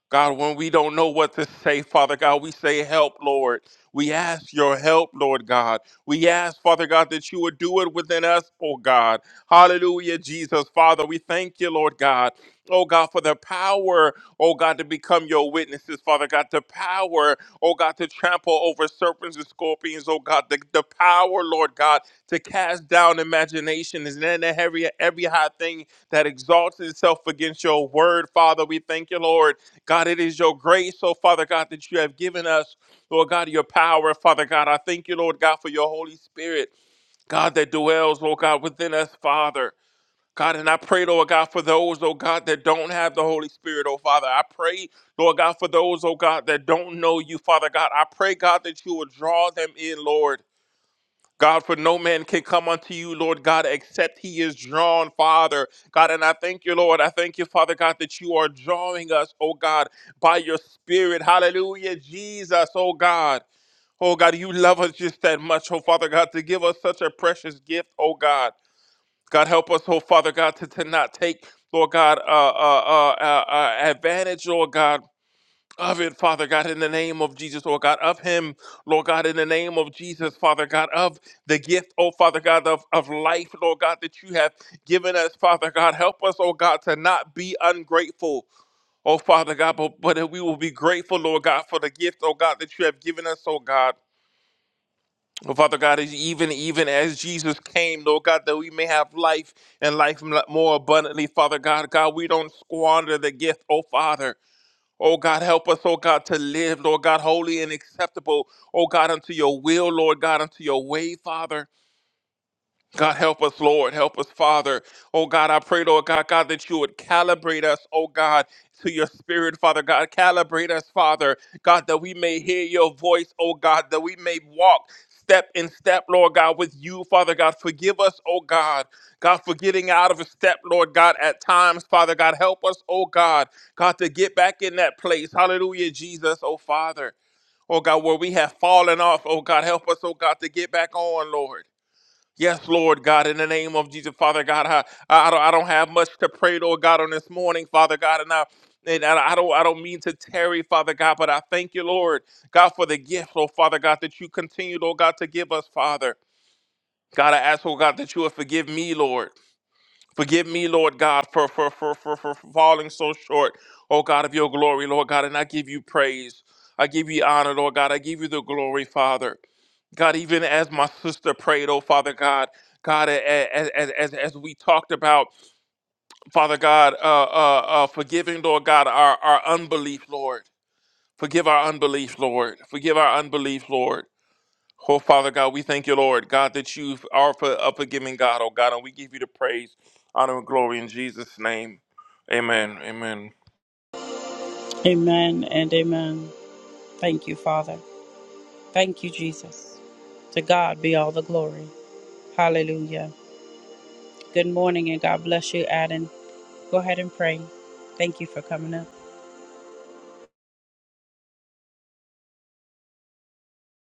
God, when we don't know what to say, Father God, we say, Help, Lord. We ask your help, Lord God. We ask, Father God, that you would do it within us, oh God. Hallelujah, Jesus. Father, we thank you, Lord God. Oh God, for the power, oh God, to become your witnesses, Father God. The power, oh God, to trample over serpents and scorpions, oh God. The, the power, Lord God, to cast down imaginations and then every, every high thing that exalts itself against your word, Father. We thank you, Lord. God, it is your grace, oh Father God, that you have given us, Lord God, your power, Father God. I thank you, Lord God, for your Holy Spirit, God, that dwells, Lord God, within us, Father. God, and I pray, Lord God, for those, oh God, that don't have the Holy Spirit, oh Father. I pray, Lord God, for those, oh God, that don't know you, Father God. I pray, God, that you will draw them in, Lord. God, for no man can come unto you, Lord God, except he is drawn, Father. God, and I thank you, Lord. I thank you, Father God, that you are drawing us, oh God, by your spirit. Hallelujah, Jesus, oh God. Oh God, you love us just that much, oh Father God, to give us such a precious gift, oh God. God, help us, oh Father God, to, to not take, Lord God, uh, uh, uh, uh, uh, advantage, Lord God of it, Father God, in the name of Jesus, Lord God, of him, Lord God, in the name of Jesus, Father God, of the gift, oh Father God, of, of life, Lord God, that you have given us, Father God. Help us, oh God, to not be ungrateful, oh Father God, but, but that we will be grateful, Lord God, for the gift, oh God, that you have given us, oh God. Oh, Father God, as even even as Jesus came, Lord God, that we may have life and life m- more abundantly, Father God. God, we don't squander the gift, oh Father. Oh God, help us, oh God, to live, Lord God, holy and acceptable, oh God, unto your will, Lord God, unto your way, Father. God, help us, Lord. Help us, Father. Oh, God, I pray, Lord God, God, that you would calibrate us, oh, God, to your spirit, Father God. Calibrate us, Father, God, that we may hear your voice, oh, God, that we may walk step in step, Lord God, with you, Father God. Forgive us, oh, God. God, for getting out of a step, Lord God, at times, Father God. Help us, oh, God, God, to get back in that place. Hallelujah, Jesus, oh, Father. Oh, God, where we have fallen off, oh, God, help us, oh, God, to get back on, Lord. Yes, Lord God, in the name of Jesus, Father God, I, I, don't, I don't have much to pray, Lord God, on this morning, Father God, and I. And I I don't, I don't mean to tarry, Father God, but I thank you, Lord God, for the gift, oh Father God, that you continue, Lord God, to give us, Father. God, I ask, oh God, that you would forgive me, Lord. Forgive me, Lord God, for for for for, for falling so short, oh God, of your glory, Lord God, and I give you praise. I give you honor, Lord God. I give you the glory, Father. God, even as my sister prayed, oh Father God, God, a- a- as as as, as we talked about, Father God, uh, uh, uh, forgiving, Lord God, our our unbelief, Lord, forgive our unbelief, Lord, forgive our unbelief, Lord. Oh Father God, we thank you, Lord, God, that you are for a forgiving God, oh God, and we give you the praise, honor, and glory in Jesus' name. Amen. Amen. Amen and amen. Thank you, Father. Thank you, Jesus. To God be all the glory. Hallelujah. Good morning and God bless you, Adam. Go ahead and pray. Thank you for coming up.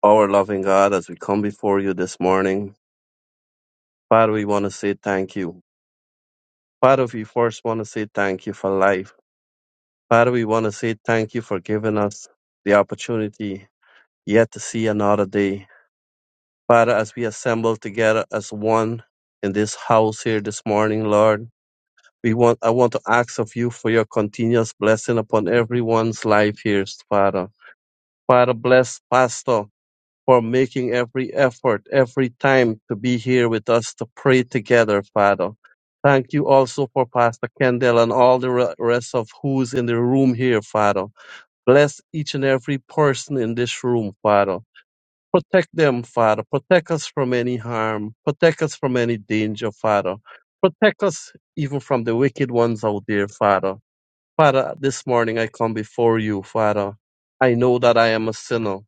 Our loving God, as we come before you this morning, Father, we want to say thank you. Father, we first want to say thank you for life. Father, we want to say thank you for giving us the opportunity yet to see another day. Father, as we assemble together as one in this house here this morning, Lord, we want I want to ask of you for your continuous blessing upon everyone's life here, Father. Father, bless Pastor. for making every effort, every time to be here with us to pray together, Father. Thank you also for Pastor Kendall and all the re- rest of who's in the room here, Father. Bless each and every person in this room, Father. Protect them, Father. Protect us from any harm. Protect us from any danger, Father. Protect us even from the wicked ones out there, Father. Father, this morning I come before you, Father. I know that I am a sinner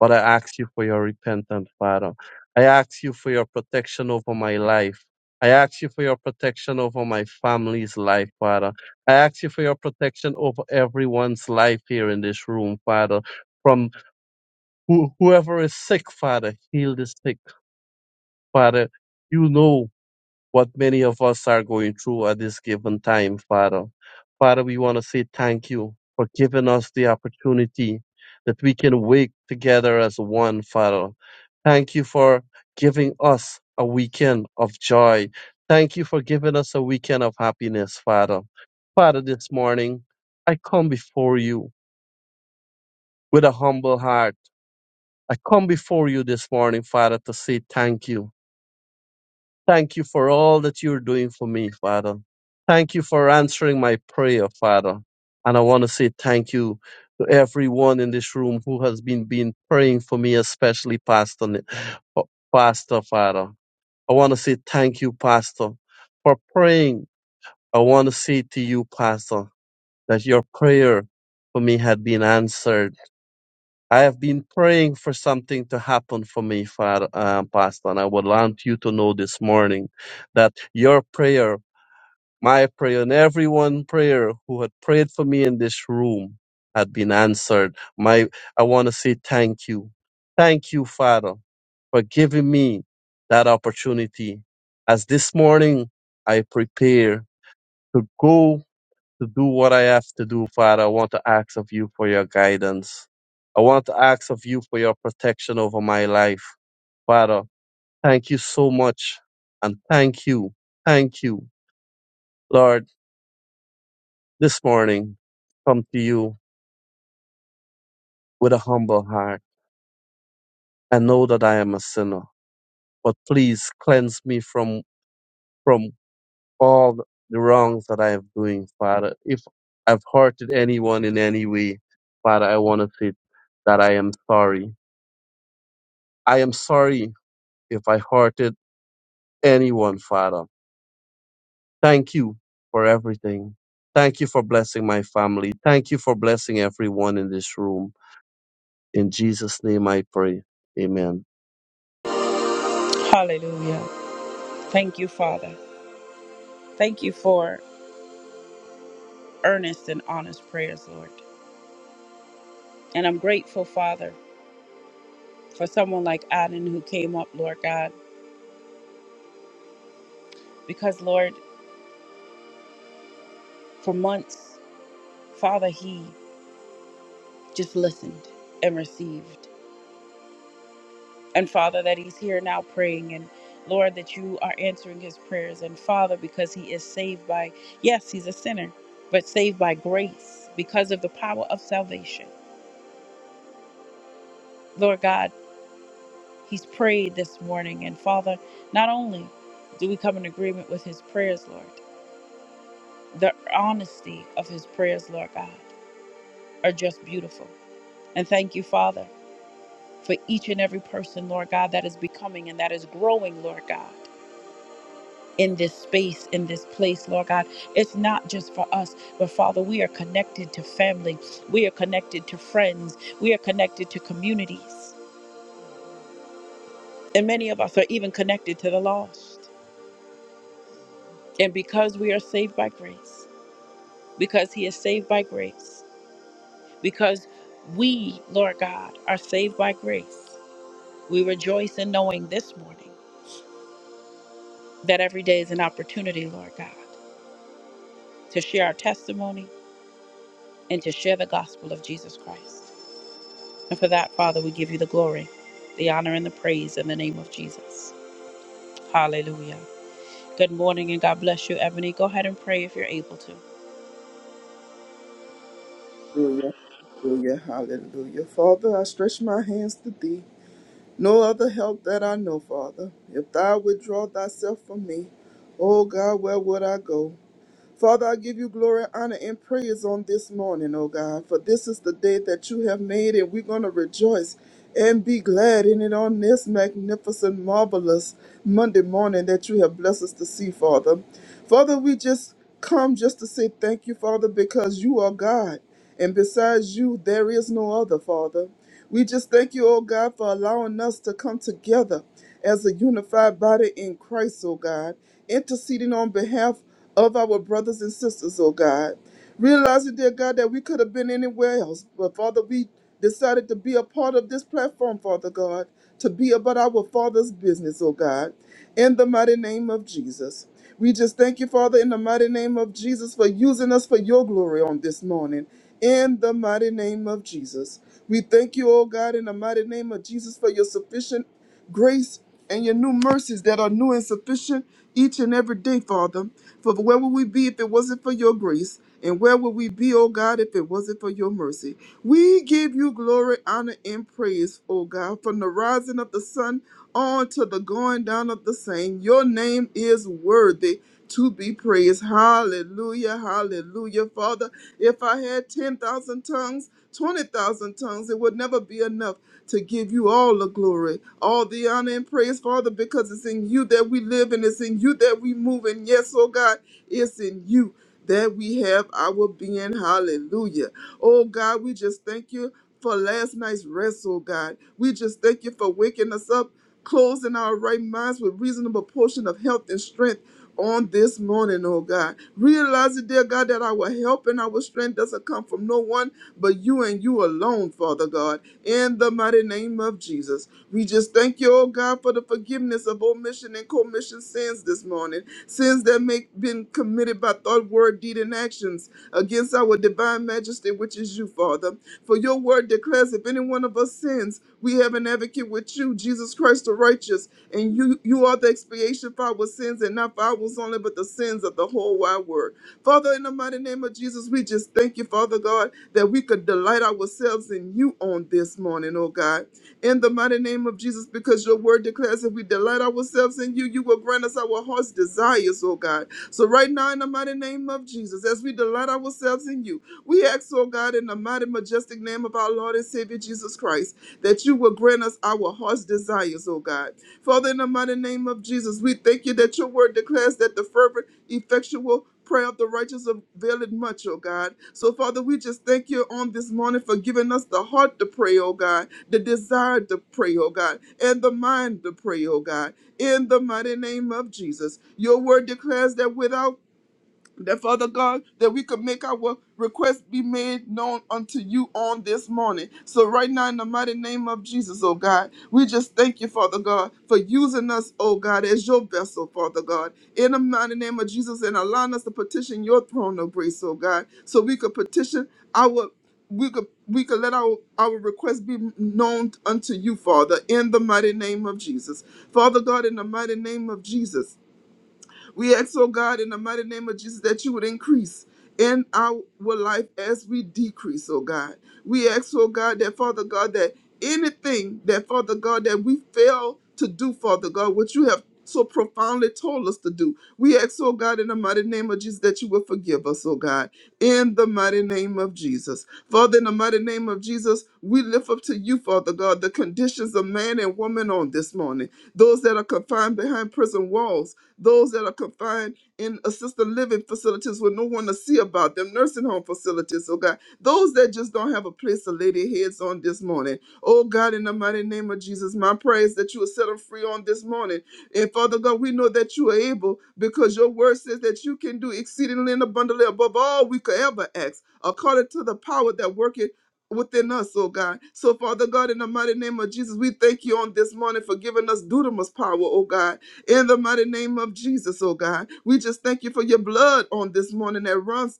but I ask you for your repentance, Father. I ask you for your protection over my life. I ask you for your protection over my family's life, Father. I ask you for your protection over everyone's life here in this room, Father. From who, whoever is sick, Father, heal the sick, Father. You know what many of us are going through at this given time, Father. Father, we want to say thank you for giving us the opportunity that we can wake together as one, Father. Thank you for giving us a weekend of joy. Thank you for giving us a weekend of happiness, Father. Father, this morning, I come before you with a humble heart. I come before you this morning, Father, to say thank you. Thank you for all that you're doing for me, Father. Thank you for answering my prayer, Father. And I want to say thank you to everyone in this room who has been, been praying for me, especially Pastor, Ni- Pastor, Father. I want to say thank you, Pastor, for praying. I want to say to you, Pastor, that your prayer for me had been answered I have been praying for something to happen for me, Father, uh, Pastor, and I would want you to know this morning that your prayer, my prayer, and everyone's prayer who had prayed for me in this room had been answered. My, I want to say thank you. Thank you, Father, for giving me that opportunity. As this morning I prepare to go to do what I have to do, Father. I want to ask of you for your guidance. I want to ask of you for your protection over my life. Father, thank you so much. And thank you. Thank you. Lord, this morning, come to you with a humble heart. I know that I am a sinner, but please cleanse me from, from all the wrongs that I am doing, Father. If I've hurted anyone in any way, Father, I want to say that I am sorry. I am sorry if I hurted anyone, Father. Thank you for everything. Thank you for blessing my family. Thank you for blessing everyone in this room. In Jesus' name I pray. Amen. Hallelujah. Thank you, Father. Thank you for earnest and honest prayers, Lord. And I'm grateful, Father, for someone like Adam who came up, Lord God, because, Lord, for months, Father, he just listened and received. And Father, that he's here now praying, and Lord, that you are answering his prayers. And Father, because he is saved by, yes, he's a sinner, but saved by grace because of the power of salvation. Lord God, he's prayed this morning. And Father, not only do we come in agreement with his prayers, Lord, the honesty of his prayers, Lord God, are just beautiful. And thank you, Father, for each and every person, Lord God, that is becoming and that is growing, Lord God. in this space, in this place, Lord God. It's not just for us, but Father, we are connected to family, we are connected to friends, we are connected to communities, and many of us are even connected to the lost. And because we are saved by grace, because He is saved by grace, because we, Lord God, are saved by grace, we rejoice in knowing this morning that every day is an opportunity, Lord God, to share our testimony and to share the gospel of Jesus Christ. And for that, Father, we give you the glory, the honor, and the praise in the name of Jesus. Hallelujah. Good morning and God bless you, Ebony. Go ahead and pray if you're able to. Hallelujah, hallelujah, hallelujah. Father, I stretch my hands to thee. No other help that I know, Father. If thou withdraw thyself from me, O God, where would I go? Father, I give you glory, honor, and praise on this morning, oh God, for this is the day that you have made, and we're going to rejoice and be glad in it on this magnificent, marvelous Monday morning that you have blessed us to see, Father. Father, we just come just to say thank you, Father, because you are God, and besides you, there is no other, Father. We just thank you, oh God, for allowing us to come together as a unified body in Christ, oh God, interceding on behalf of our brothers and sisters, oh God. Realizing, dear God, that we could have been anywhere else, but Father, we decided to be a part of this platform, Father God, to be about our Father's business, oh God, in the mighty name of Jesus. We just thank you, Father, in the mighty name of Jesus, for using us for your glory on this morning, in the mighty name of Jesus. We thank you, oh God, in the mighty name of Jesus, for your sufficient grace and your new mercies that are new and sufficient each and every day, Father. For where would we be if it wasn't for your grace? And where would we be, O God, if it wasn't for your mercy? We give you glory, honor, and praise, O God, from the rising of the sun on to the going down of the same. Your name is worthy to be praised. Hallelujah, hallelujah. Father, if I had 10,000 tongues, 20,000 tongues, it would never be enough to give you all the glory, all the honor and praise, Father, because it's in you that we live and it's in you that we move. And yes, oh God, it's in you that we have our being. Hallelujah. Oh God, we just thank you for last night's rest, oh God. We just thank you for waking us up, closing our right minds with reasonable portion of health and strength on this morning, oh God. Realizing, dear God, that our help and our strength doesn't come from no one but you and you alone, Father God, in the mighty name of Jesus. We just thank you, oh God, for the forgiveness of omission and commission sins this morning, sins that may been committed by thought, word, deed, and actions against our divine majesty, which is you, Father. For your word declares, if any one of us sins, we have an advocate with you, Jesus Christ the righteous, and you you are the expiation for our sins, and not for ours only, but the sins of the whole wide world. Father, in the mighty name of Jesus, we just thank you, Father God, that we could delight ourselves in you on this morning, oh God. In the mighty name of Jesus, because your word declares, if we delight ourselves in you, you will grant us our heart's desires, oh God. So right now, in the mighty name of Jesus, as we delight ourselves in you, we ask, oh God, in the mighty, majestic name of our Lord and Savior Jesus Christ, that you will grant us our heart's desires, oh God. Father, in the mighty name of Jesus, we thank you that your word declares that the fervent, effectual prayer of the righteous availeth much, oh God. So, Father, we just thank you on this morning for giving us the heart to pray, oh God, the desire to pray, oh God, and the mind to pray, oh God. In the mighty name of Jesus, your word declares that without that Father God, that we could make our requests be made known unto you on this morning. So, right now, in the mighty name of Jesus, oh God, we just thank you, Father God, for using us, oh God, as your vessel, Father God, in the mighty name of Jesus, and allowing us to petition your throne of grace, oh God, so we could petition our. We could we could let our, our requests be known unto you, Father, in the mighty name of Jesus. Father God, in the mighty name of Jesus. We ask, oh God, in the mighty name of Jesus, that you would increase in our life as we decrease, oh God. We ask, oh God, that Father God, that anything that Father God, that we fail to do, Father God, what you have so profoundly told us to do. We ask, oh God, in the mighty name of Jesus, that you will forgive us, oh God, in the mighty name of Jesus. Father, in the mighty name of Jesus, we lift up to you, Father God, the conditions of man and woman on this morning, those that are confined behind prison walls those that are confined in assisted living facilities with no one to see about them, nursing home facilities, oh God. Those that just don't have a place to lay their heads on this morning. Oh God, in the mighty name of Jesus, my prayer is that you will set them free on this morning. And Father God, we know that you are able because your word says that you can do exceedingly and abundantly above all we could ever ask, according to the power that worketh within us, oh God. So, Father God, in the mighty name of Jesus, we thank you on this morning for giving us dudamus power, oh God. In the mighty name of Jesus, oh God, we just thank you for your blood on this morning that runs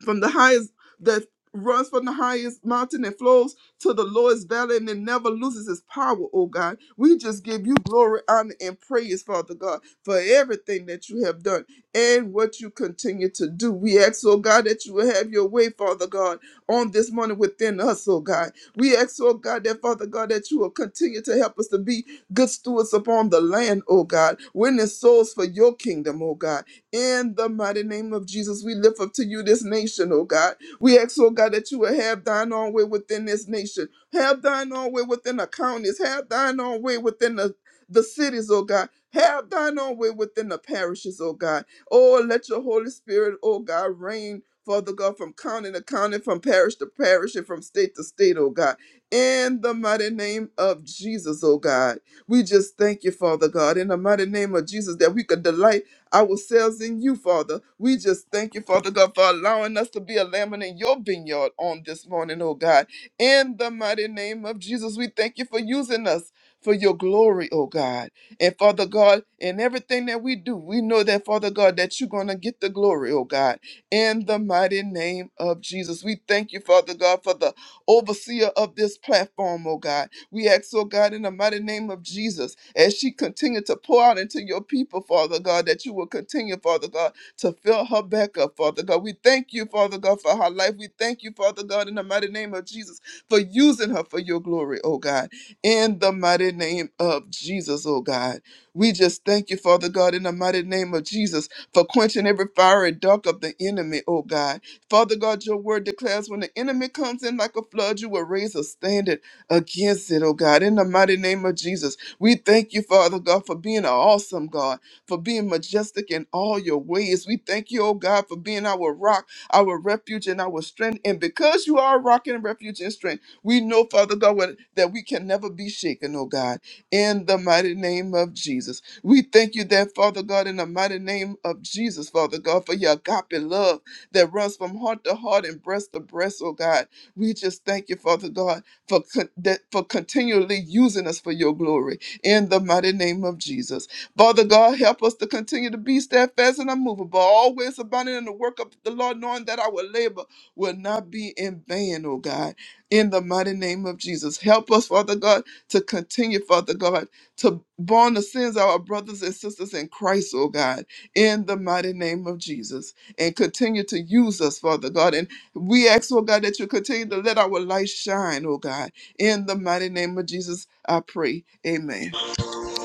from the highest that runs from the highest mountain and flows to the lowest valley and it never loses its power, oh God. We just give you glory, honor, and praise, Father God, for everything that you have done and what you continue to do. We ask, oh God, that you will have your way, Father God, on this morning within us, oh God. We ask, oh God, that Father God, that you will continue to help us to be good stewards upon the land, oh God, winning souls for your kingdom, oh God. In the mighty name of Jesus, we lift up to you this nation, oh God. We ask, oh God, that you will have thine own way within this nation. Have thine own way within the counties. Have thine own way within the, the cities, oh God. Have thine own way within the parishes, oh God. Oh, let your Holy Spirit, oh God, reign, Father God, from county to county, from parish to parish, and from state to state, oh God. In the mighty name of Jesus, oh God. We just thank you, Father God, in the mighty name of Jesus, that we could delight ourselves in you, Father. We just thank you, Father God, for allowing us to be a lamb in your vineyard on this morning, oh God. In the mighty name of Jesus, we thank you for using us for your glory, oh God. And Father God, in everything that we do, we know that, Father God, that you're going to get the glory, oh God. In the mighty name of Jesus, we thank you, Father God, for the overseer of this platform, oh God. We ask, oh God, in the mighty name of Jesus, as she continued to pour out into your people, Father God, that you will continue, Father God, to fill her back up, Father God. We thank you, Father God, for her life. We thank you, Father God, in the mighty name of Jesus, for using her for your glory, oh God. In the mighty name of Jesus, oh God. We just thank you, Father God, in the mighty name of Jesus, for quenching every fiery dark of the enemy, oh God. Father God, your word declares when the enemy comes in like a flood, you will raise a standard against it, oh God. In the mighty name of Jesus, we thank you, Father God, for being an awesome God, for being majestic in all your ways. We thank you, oh God, for being our rock, our refuge, and our strength. And because you are a rock and refuge and strength, we know, Father God, what- that we can never be shaken, oh God. In the mighty name of Jesus, we thank you that, Father God, in the mighty name of Jesus, Father God, for your agape love that runs from heart to heart and breast to breast, oh God. We just thank you, Father God for, con- that, for continually using us for your glory in the mighty name of Jesus. Father God, help us to continue to be steadfast and unmovable, always abounding in the work of the Lord, knowing that our labor will not be in vain, oh God, in the mighty name of Jesus. Help us, Father God, to continue, Father God, to bond the sins of our brothers and sisters in Christ, oh God, in the mighty name of Jesus. And continue to use us, Father God, and. We ask, oh God, that you continue to let our light shine, oh God. In the mighty name of Jesus, I pray. Amen.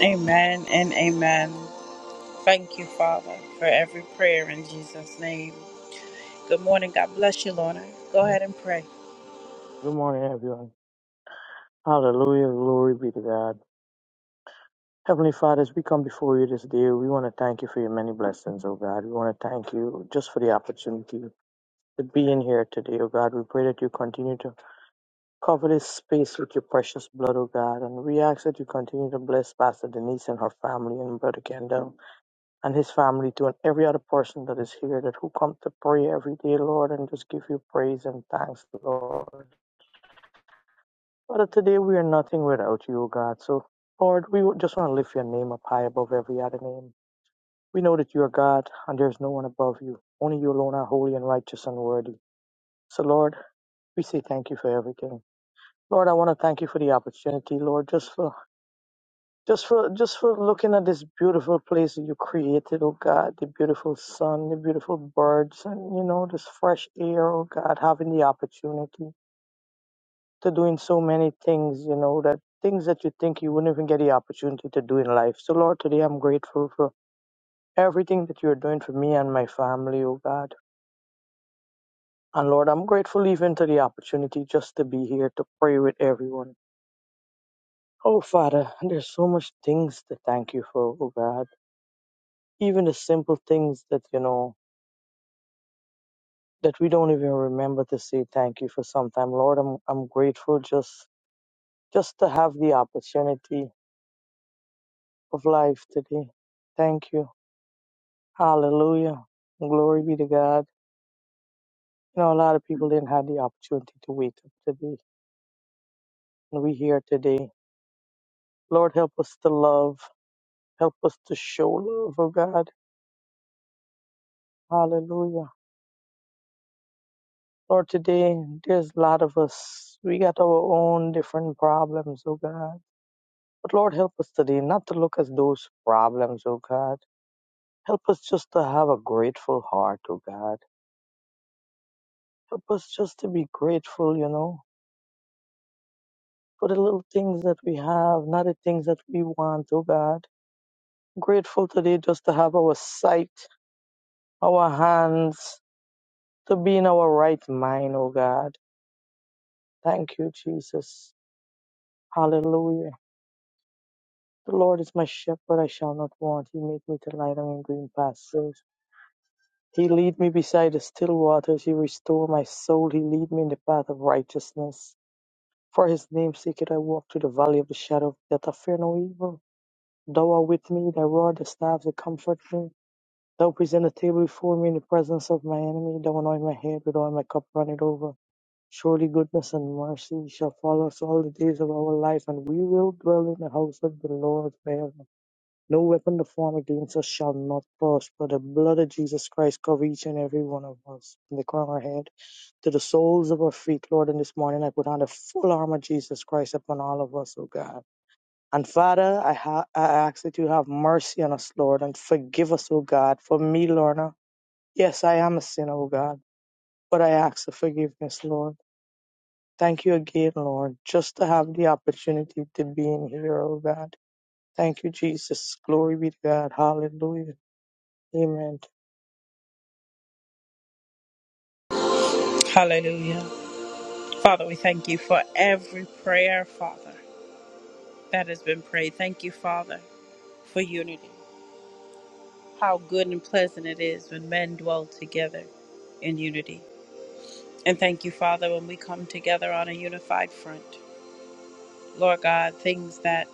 Amen and amen. Thank you, Father, for every prayer in Jesus' name. Good morning. God bless you, Lorna. Go ahead and pray. Good morning, everyone. Hallelujah. Glory be to God. Heavenly Father, as we come before you this day, we want to thank you for your many blessings, oh God. We want to thank you just for the opportunity to be in here today, oh God. We pray that you continue to cover this space with your precious blood, oh God. And we ask that you continue to bless Pastor Denise and her family and Brother Kendall and his family too, and every other person that is here that who come to pray every day, Lord, and just give you praise and thanks, Lord. Father, today we are nothing without you, O God. So, Lord, we would just want to lift your name up high above every other name. We know that you are God and there is no one above you. Only you alone are holy and righteous and worthy. So, Lord, we say thank you for everything. Lord, I want to thank you for the opportunity, Lord, just for just for just for looking at this beautiful place that you created, oh God, the beautiful sun, the beautiful birds, and you know, this fresh air, oh God, having the opportunity. to doing so many things, you know, that things that you think you wouldn't even get the opportunity to do in life. So, Lord, today I'm grateful for everything that you're doing for me and my family, oh God. And Lord, I'm grateful even to the opportunity just to be here to pray with everyone. Oh, Father, there's so much things to thank you for, oh God. Even the simple things that, you know, that we don't even remember to say thank you for sometime. Lord, I'm, I'm grateful just, just to have the opportunity of life today. Thank you. Hallelujah. Glory be to God. You know, a lot of people didn't have the opportunity to wake up today. And we here today. Lord, help us to love. Help us to show love, oh God. Hallelujah. Lord, today there's a lot of us. We got our own different problems, oh God. But Lord, help us today not to look at those problems, oh God. Help us just to have a grateful heart, oh God. Help us just to be grateful, you know for the little things that we have, not the things that we want, oh God. Grateful today just to have our sight, our hands, to be in our right mind, oh God. Thank you, Jesus. Hallelujah. The Lord is my shepherd, I shall not want. He made me to lie down in green pastures. He lead me beside the still waters. He restore my soul. He lead me in the path of righteousness. For his name's sake, I walk through the valley of the shadow of death. I fear no evil. Thou art with me, thy rod, thy staff, they comfort me. Thou present a table before me in the presence of my enemy. Thou anoint my head with oil, my cup runneth over. Surely goodness and mercy shall follow us all the days of our life, and we will dwell in the house of the Lord forever. No weapon to form against us shall not prosper. The blood of Jesus Christ cover each and every one of us, from the crown of our head to the soles of our feet, Lord. And this morning I put on the full armor of Jesus Christ upon all of us, O God. And Father, I, ha- I ask that you have mercy on us, Lord, and forgive us, O God, for me, Lorna. Yes, I am a sinner, O God, but I ask for forgiveness, Lord. Thank you again, Lord, just to have the opportunity to be in here, O God. Thank you, Jesus. Glory be to God. Hallelujah. Amen. Hallelujah. Father, we thank you for every prayer, Father, that has been prayed. Thank you, Father, for unity. How good and pleasant it is when men dwell together in unity. And thank you, Father, when we come together on a unified front. Lord God, things that,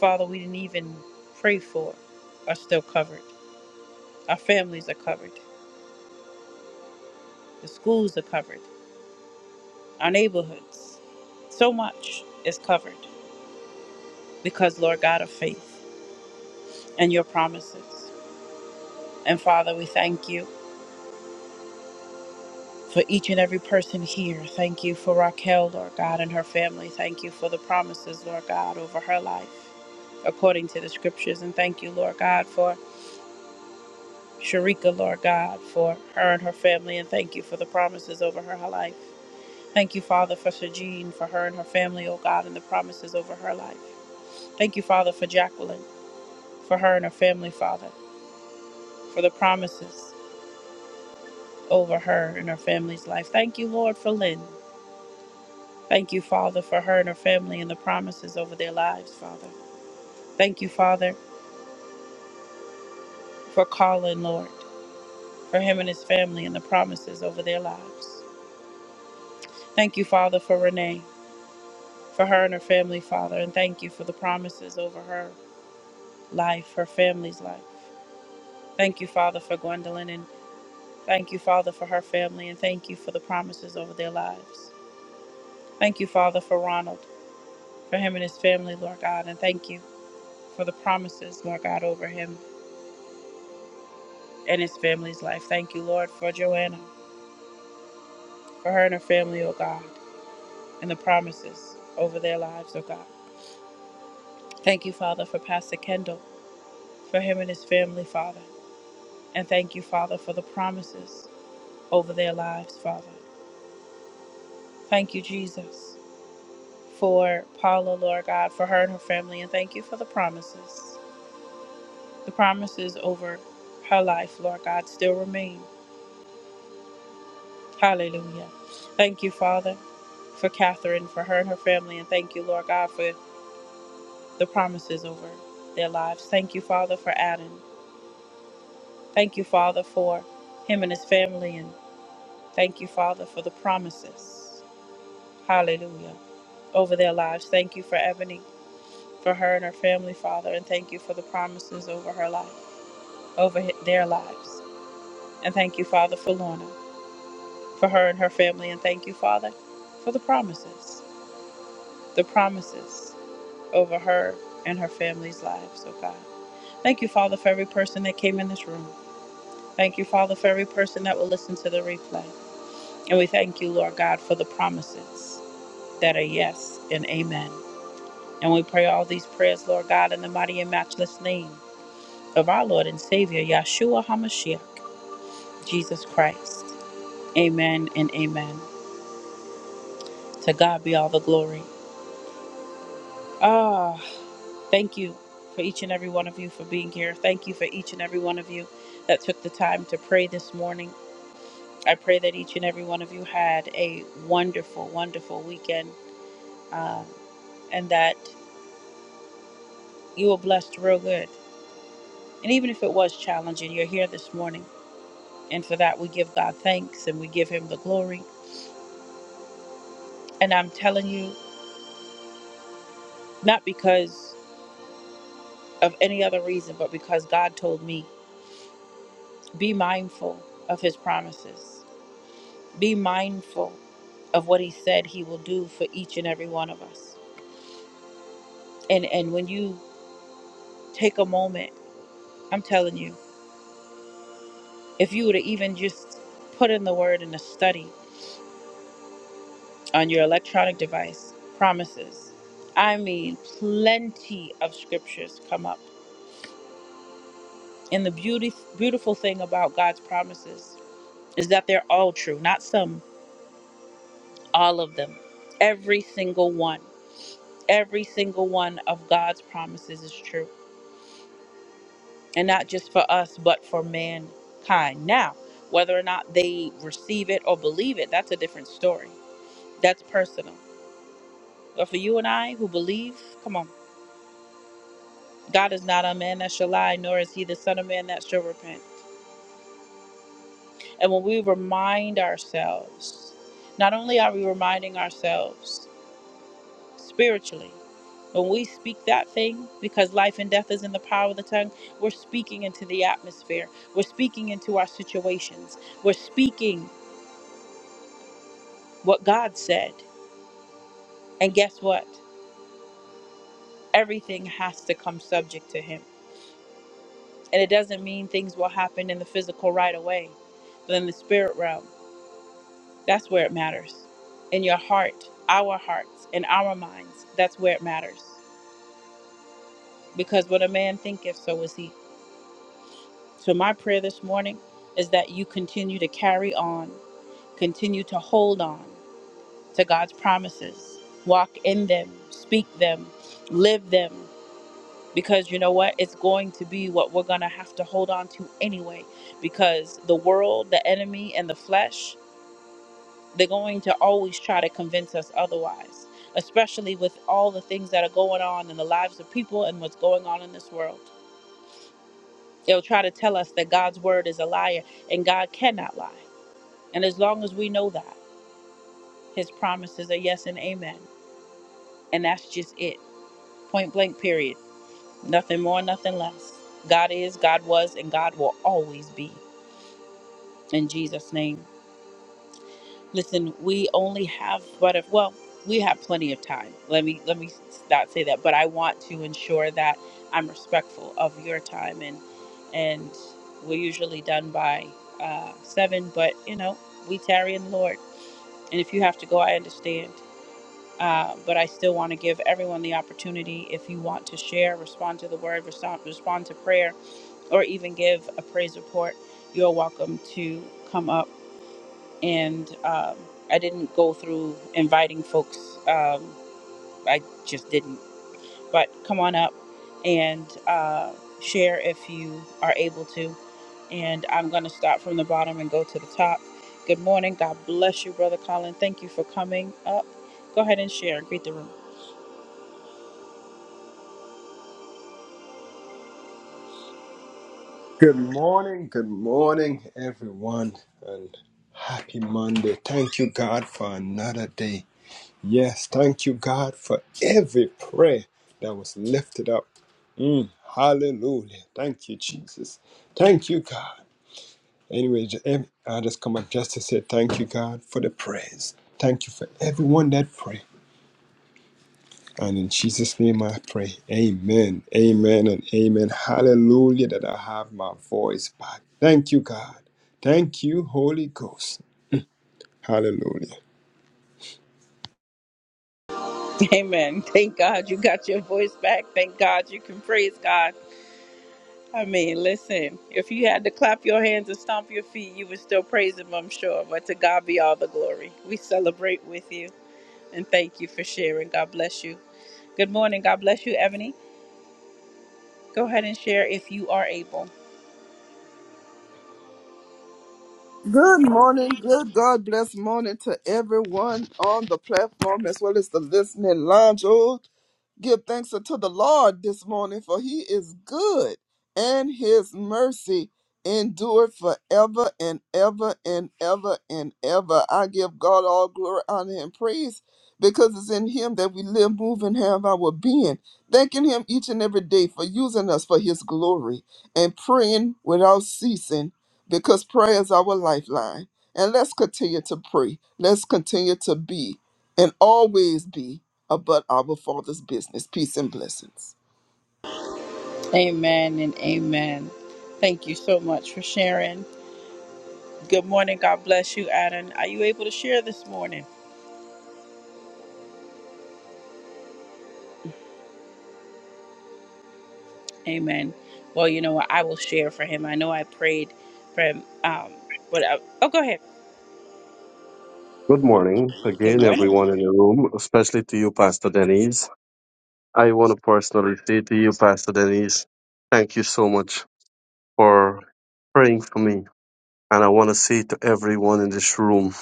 Father, we didn't even pray for are still covered. Our families are covered. The schools are covered. Our neighborhoods. So much is covered because, Lord God, of faith and your promises. And Father, we thank you for each and every person here. Thank you for Raquel, Lord God, and her family. Thank you for the promises, Lord God, over her life according to the scriptures. And thank you, Lord God, for Sharika, Lord God, for her and her family, and thank you for the promises over her her life. Thank you, Father, for Sajine, for her and her family, oh God, and the promises over her life. Thank you, Father, for Jacqueline, for her and her family, Father, for the promises over her and her family's life. Thank you, Lord, for Lynn. Thank you, Father, for her and her family and the promises over their lives, Father. Thank you, Father, for Colin, Lord, for him and his family and the promises over their lives. Thank you, Father, for Renee. for her and her family, Father, and thank you for the promises over her life, her family's life. Thank you, Father, for Gwendolyn, and thank you, Father, for her family, and thank you for the promises over their lives. Thank you, Father, for Ronald, for him and his family, Lord God, and thank you for the promises, Lord God, over him and his family's life. Thank you, Lord, for Joanna, for her and her family, oh God, and the promises over their lives, oh God. Thank you, Father, for Pastor Kendall, for him and his family, Father. And thank you, Father, for the promises. over their lives, Father. Thank you, Jesus, for Paula, Lord God, for her and her family, and thank you for the promises. The promises over her life, Lord God, still remain. Hallelujah. Thank you, Father, for Catherine, for her and her family, and thank you, Lord God, for the promises over their lives. Thank you, Father, for Adam. Thank you, Father, for him and his family, and thank you, Father, for the promises. Hallelujah. Over their lives. Thank you for Ebony. for her and her family, Father, and thank you for the promises over her life, over their lives. And thank you, Father, for Lorna, for her and her family, and thank you, Father, for the promises, the promises over her and her family's lives, oh God. Thank you, Father, for every person that came in this room. Thank you, Father, for every person that will listen to the replay. And we thank you, Lord God, for the promises that are yes and amen. And we pray all these prayers, Lord God, in the mighty and matchless name of our Lord and Savior, Yahshua HaMashiach, Jesus Christ. Amen and amen. To God be all the glory. Ah, thank you for each and every one of you for being here. Thank you for each and every one of you that took the time to pray this morning. I pray that each and every one of you had a wonderful, wonderful weekend um, and that you were blessed real good. And even if it was challenging, you're here this morning. And for that, we give God thanks and we give Him the glory. And I'm telling you, not because of any other reason, but because God told me, be mindful of his promises. Be mindful of what he said he will do for each and every one of us. And and when you take a moment, I'm telling you, if you were to even just put in the word in a study on your electronic device, promises. I mean, plenty of scriptures come up. And the beauty beautiful thing about God's promises is that they're all true, not some all of them, every single one, every single one of God's promises is true, and not just for us, but for mankind. Now, whether or not they receive it or believe it, that's a different story. That's personal. But for you and I who believe, come on, God is not a man that shall lie, nor is he the Son of Man that shall repent. And when we remind ourselves, not only are we reminding ourselves, spiritually. When we speak that thing, because life and death is in the power of the tongue, we're speaking into the atmosphere. We're speaking into our situations. We're speaking what God said. And guess what? Everything has to come subject to Him. And it doesn't mean things will happen in the physical right away, but in the spirit realm, that's where it matters. In your heart, our hearts, in our minds, that's where it matters. Because what a man thinketh, so is he. So, my prayer this morning is that you continue to carry on, continue to hold on to God's promises, walk in them, speak them, live them, because you know what? It's going to be what we're going to have to hold on to anyway, because the world, the enemy, and the flesh, they're going to always try to convince us otherwise, especially with all the things that are going on in the lives of people and what's going on in this world. They'll try to tell us that God's word is a liar and God cannot lie. And as long as we know that, his promises are yes and amen. And that's just it. Point blank, period. Nothing more, nothing less. God is, God was, and God will always be. In Jesus' name. Listen, we only have but if well, we have plenty of time. Let me let me not say that, but I want to ensure that I'm respectful of your time and and we're usually done by uh seven, but you know, we tarry in the Lord. And if you have to go, I understand. Uh, but I still want to give everyone the opportunity if you want to share, respond to the word, respond, respond to prayer, or even give a praise report, you're welcome to come up. And um, I didn't go through inviting folks, um, I just didn't. But come on up and uh, share if you are able to. And I'm going to start from the bottom and go to the top. Good morning. God bless you, Brother Colin. Thank you for coming up. Go ahead and share. Greet the room. Good morning, good morning, everyone, and happy Monday. Thank you, God, for another day. Yes, thank you, God, for every prayer that was lifted up. Mm, hallelujah. Thank you, Jesus. Thank you, God. Anyway, ju- em- I just come up just to say thank you, God, for the prayers. Thank you for everyone that prayed. And in Jesus' name I pray. Amen. Amen and amen. Hallelujah that I have my voice back. Thank you, God. Thank you, Holy Ghost. Hallelujah. Amen. Thank God you got your voice back. Thank God you can praise God. I mean, listen, if you had to clap your hands and stomp your feet, you would still praise Him, I'm sure. But to God be all the glory. We celebrate with you and thank you for sharing. God bless you. Good morning. God bless you, Ebony. Go ahead and share if you are able. Good morning. Good God bless morning to everyone on the platform as well as the listening lounge. Oh, Give thanks unto the Lord this morning, for he is good, and his mercy endured forever and ever and ever and ever. I give God all glory, honor, and praise because it's in him that we live, move, and have our being. Thanking him each and every day for using us for his glory and praying without ceasing because prayer is our lifeline. And let's continue to pray. Let's continue to be and always be about our Father's business. Peace and blessings. Amen and amen. Thank you so much for sharing. Good morning. God bless you, Adam. Are you able to share this morning? Amen. Well, you know what? I will share for him. I know I prayed for him. Um, but uh oh, go ahead. Good morning Good again, morning. everyone in the room, especially to you, Pastor Denise. I want to personally say to you, Pastor Denise, thank you so much for praying for me. And I want to say to everyone in this room,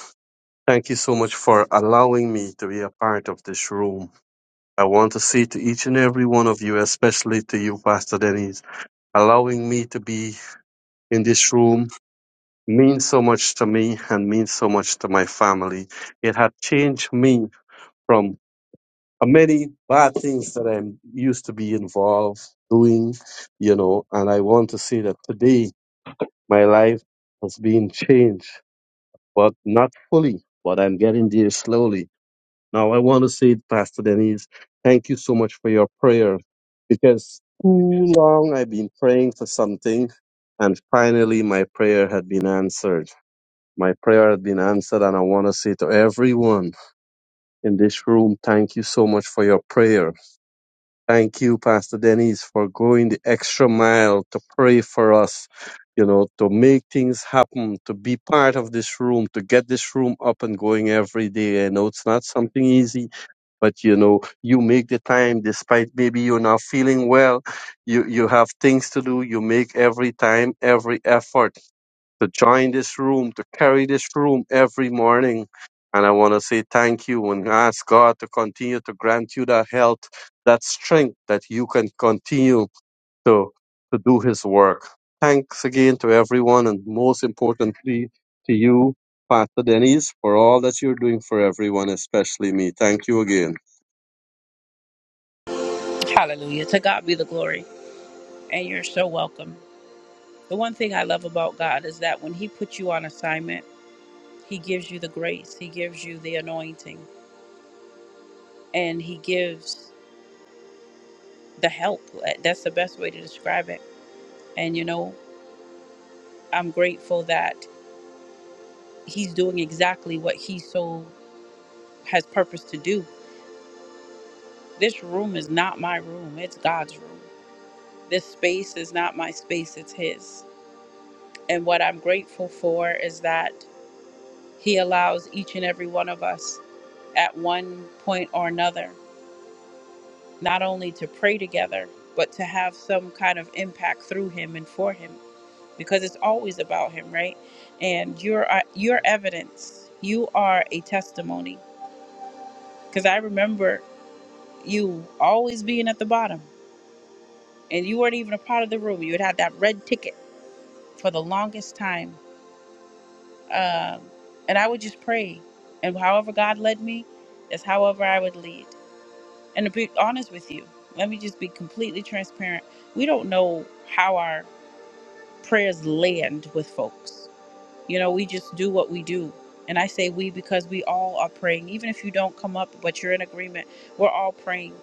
thank you so much for allowing me to be a part of this room. I want to say to each and every one of you, especially to you, Pastor Denise, allowing me to be in this room means so much to me and means so much to my family. It had changed me from many bad things that I am used to be involved doing, you know, and I want to say that today my life has been changed, but not fully, but I'm getting there slowly Now, I want to say, Pastor Denise, thank you so much for your prayer because too long I've been praying for something and finally my prayer had been answered. My prayer had been answered, and I want to say to everyone in this room, thank you so much for your prayer Thank you, Pastor Dennis, for going the extra mile to pray for us, you know, to make things happen, to be part of this room, to get this room up and going every day. I know it's not something easy, but you know, you make the time despite maybe you're not feeling well. You you have things to do. You make every time, every effort to join this room, to carry this room every morning. And I want to say thank you and ask God to continue to grant you that health, that strength that you can continue to, to do His work. Thanks again to everyone, and most importantly to you, Pastor Denise, for all that you're doing for everyone, especially me. Thank you again. Hallelujah. To God be the glory. And you're so welcome. The one thing I love about God is that when He puts you on assignment, He gives you the grace, He gives you the anointing, and He gives the help. Eh, That's the best way to describe it. And you know, I'm grateful that He's doing exactly what He so has purpose to do. This room is not my room, it's God's room This space is not my space, it's His. And what I'm grateful for is that He allows each and every one of us at one point or another not only to pray together, but to have some kind of impact through Him and for Him because it's always about Him, right? And you're, you're evidence, you are a testimony. Because I remember you always being at the bottom and you weren't even a part of the room, you had that red ticket for the longest time Um, and I would just pray. And however God led me, that's however I would lead. And to be honest with you, let me just be completely transparent. We don't know how our prayers land with folks. You know, we just do what we do. And I say we because we all are praying. Even if you don't come up, but you're in agreement, we're all praying.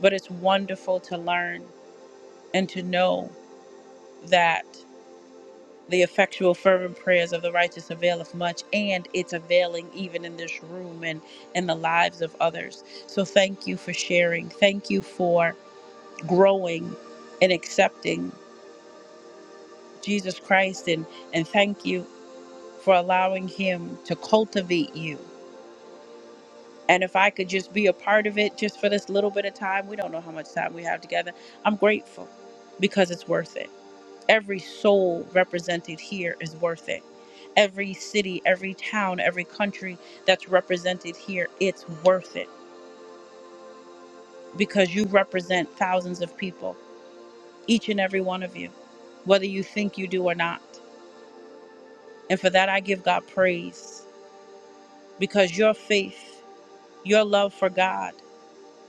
But it's wonderful to learn and to know that. The effectual, fervent prayers of the righteous availeth much, and it's availing even in this room and in the lives of others. So thank you for sharing. Thank you for growing and accepting Jesus Christ, and, and thank you for allowing Him to cultivate you. And if I could just be a part of it just for this little bit of time, we don't know how much time we have together. I'm grateful because it's worth it. Every soul represented here is worth it. Every city, every town, every country that's represented here, it's worth it because you represent thousands of people, each and every one of you, whether you think you do or not. And for that, I give God praise because your faith, your love for God,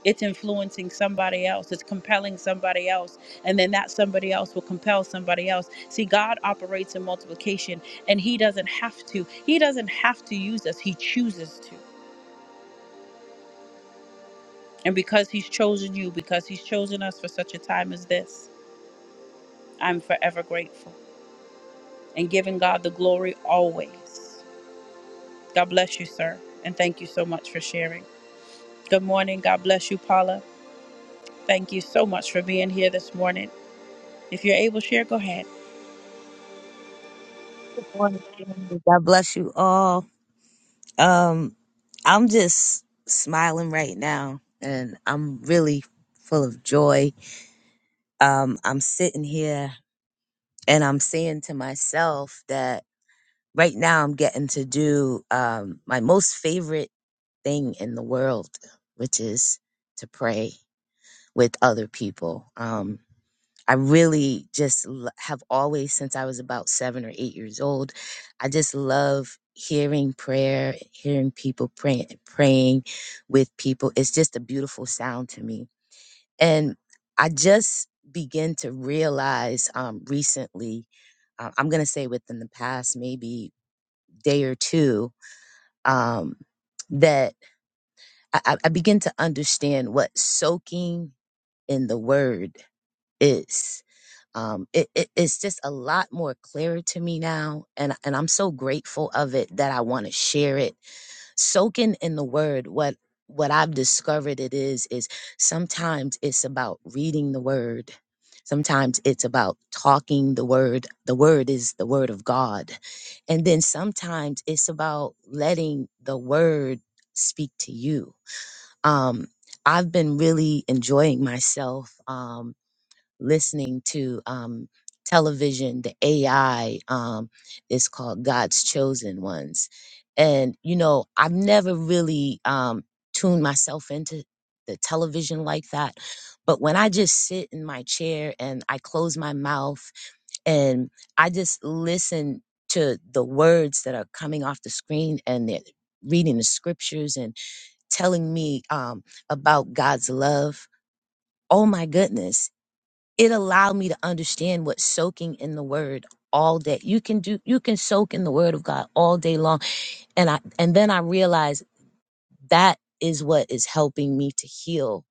it's influencing somebody else it's compelling somebody else and then that somebody else will compel somebody else see god operates in multiplication and he doesn't have to he doesn't have to use us he chooses to and because he's chosen you because he's chosen us for such a time as this i'm forever grateful and giving god the glory always god bless you sir and thank you so much for sharing good morning god bless you paula thank you so much for being here this morning if you're able to share go ahead Good morning. family. God bless you all. Um, I'm just smiling right now, and I'm really full of joy um, I'm sitting here and I'm saying to myself that right now I'm getting to do um, my most favorite thing in the world, which is to pray with other people. Um, I really just l- have always, since I was about seven or eight years old, I just love hearing prayer, hearing people praying, praying with people. It's just a beautiful sound to me and I just began to realize um, recently, uh, I'm going to say within the past maybe day or two, um, that I, I I begin to understand what soaking in the word is. Um, it, it, it's just a lot more clear to me now, and and I'm so grateful of it that I want to share it soaking in the word what what i've discovered it is is sometimes it's about reading the word sometimes it's about talking the word the word is the word of god and then sometimes it's about letting the word speak to you um i've been really enjoying myself um, listening to um, television, the AI um, is called God's Chosen Ones. And, you know, I've never really um, tuned myself into the television like that. But when I just sit in my chair and I close my mouth and I just listen to the words that are coming off the screen and they're reading the scriptures and telling me um, about God's love, oh my goodness it allowed me to understand what soaking in the word all day you can do you can soak in the word of god all day long and i and then i realized that is what is helping me to heal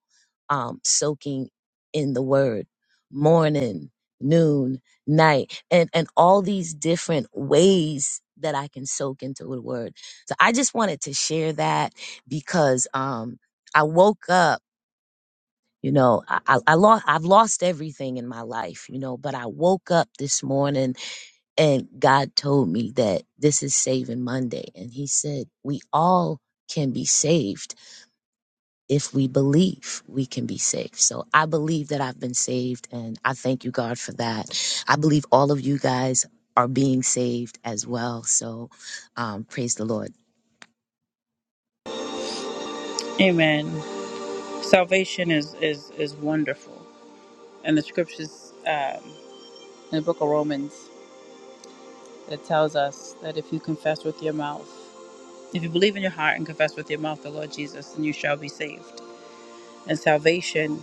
um soaking in the word morning noon night and and all these different ways that i can soak into the word so i just wanted to share that because um i woke up you know, I, I, I lost, I've lost everything in my life, you know, but I woke up this morning and God told me that this is Saving Monday. And He said, we all can be saved if we believe we can be saved. So I believe that I've been saved and I thank you, God, for that. I believe all of you guys are being saved as well. So um, praise the Lord. amen salvation is is is wonderful and the scriptures um, in the book of romans that tells us that if you confess with your mouth if you believe in your heart and confess with your mouth the lord jesus then you shall be saved and salvation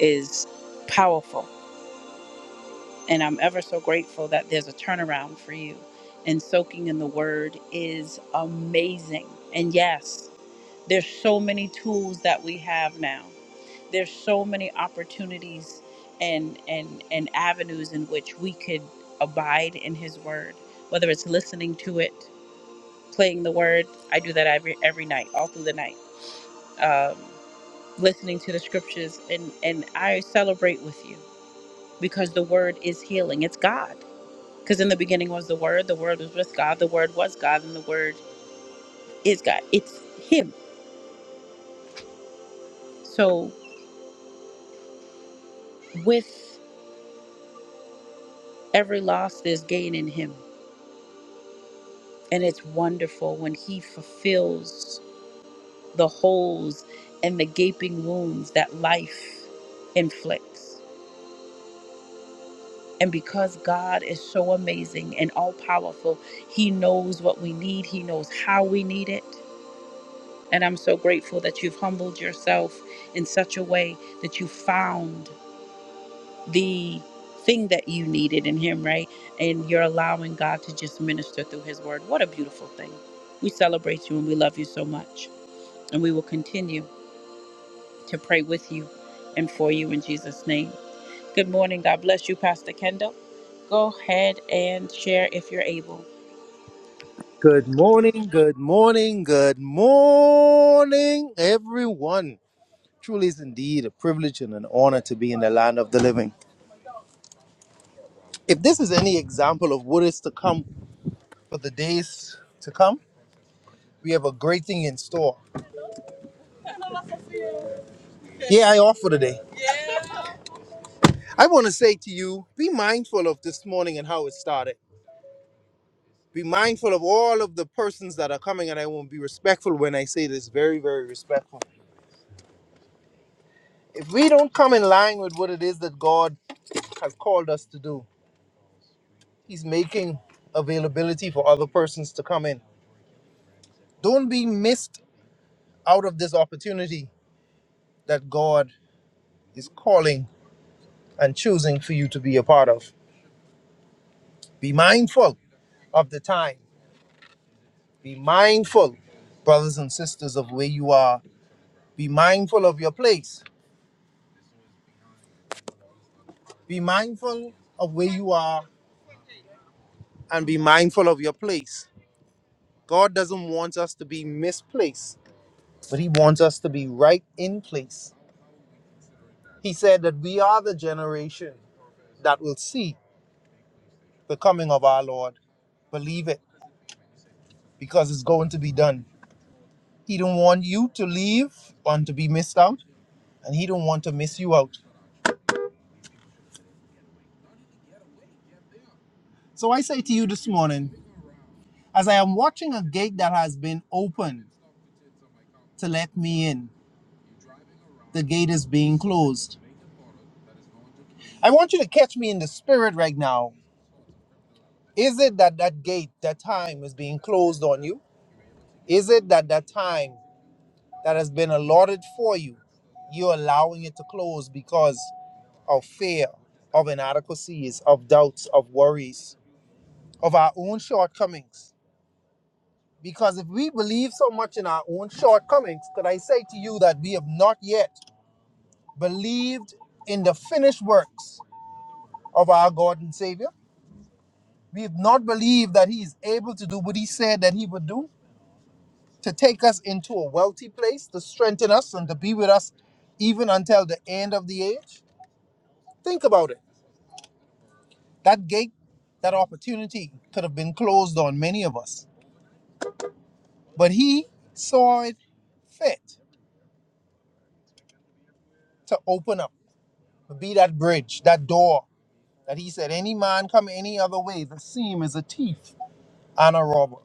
is powerful and i'm ever so grateful that there's a turnaround for you and soaking in the word is amazing and yes There's so many tools that we have now. There's so many opportunities and and and avenues in which we could abide in his word, whether it's listening to it, playing the word. I do that every every night, all through the night. Um, listening to the scriptures and and I celebrate with you because the word is healing. It's God. Because in the beginning was the word, the word was with God, the word was God, and the word is God. It's him. So with Every loss there's gain in him. And it's wonderful when he fulfills the holes and the gaping wounds that life inflicts. And because God is so amazing and all powerful, he knows what we need, he knows how we need it. And I'm so grateful that you've humbled yourself in such a way that you found the thing that you needed in him, right? And you're allowing God to just minister through his word. What a beautiful thing. We celebrate you and we love you so much. And we will continue to pray with you and for you in Jesus' name. Good morning. God bless you, Pastor Kendall. Go ahead and share if you're able. Good morning, good morning, good morning, everyone. Truly is indeed a privilege and an honor to be in the land of the living. If this is any example of what is to come for the days to come, we have a great thing in store. Yeah, I offer today. I want to say to you be mindful of this morning and how it started. Be mindful of all of the persons that are coming, and I won't be respectful when I say this very, very respectful. If we don't come in line with what it is that God has called us to do, He's making availability for other persons to come in. Don't be missed out of this opportunity that God is calling and choosing for you to be a part of. Be mindful of the time. Be mindful, brothers and sisters, of where you are. Be mindful of your place. Be mindful of where you are and be mindful of your place. God doesn't want us to be misplaced, but He wants us to be right in place. He said that we are the generation that will see the coming of our Lord. Believe it, because it's going to be done. He don't want you to leave and to be missed out, and he don't want to miss you out. So I say to you this morning, as I am watching a gate that has been opened to let me in, the gate is being closed. I want you to catch me in the spirit right now. Is it that that gate, that time is being closed on you? Is it that that time that has been allotted for you, you're allowing it to close because of fear, of inadequacies, of doubts, of worries, of our own shortcomings. Because if we believe so much in our own shortcomings, could I say to you that we have not yet believed in the finished works of our God and Savior? We have not believed that He is able to do what He said that He would do, to take us into a wealthy place, to strengthen us, and to be with us even until the end of the age. Think about it. That gate, that opportunity could have been closed on many of us But he saw it fit to open up, to be that bridge, that door that he said, any man come any other way, the seam is a thief and a robber.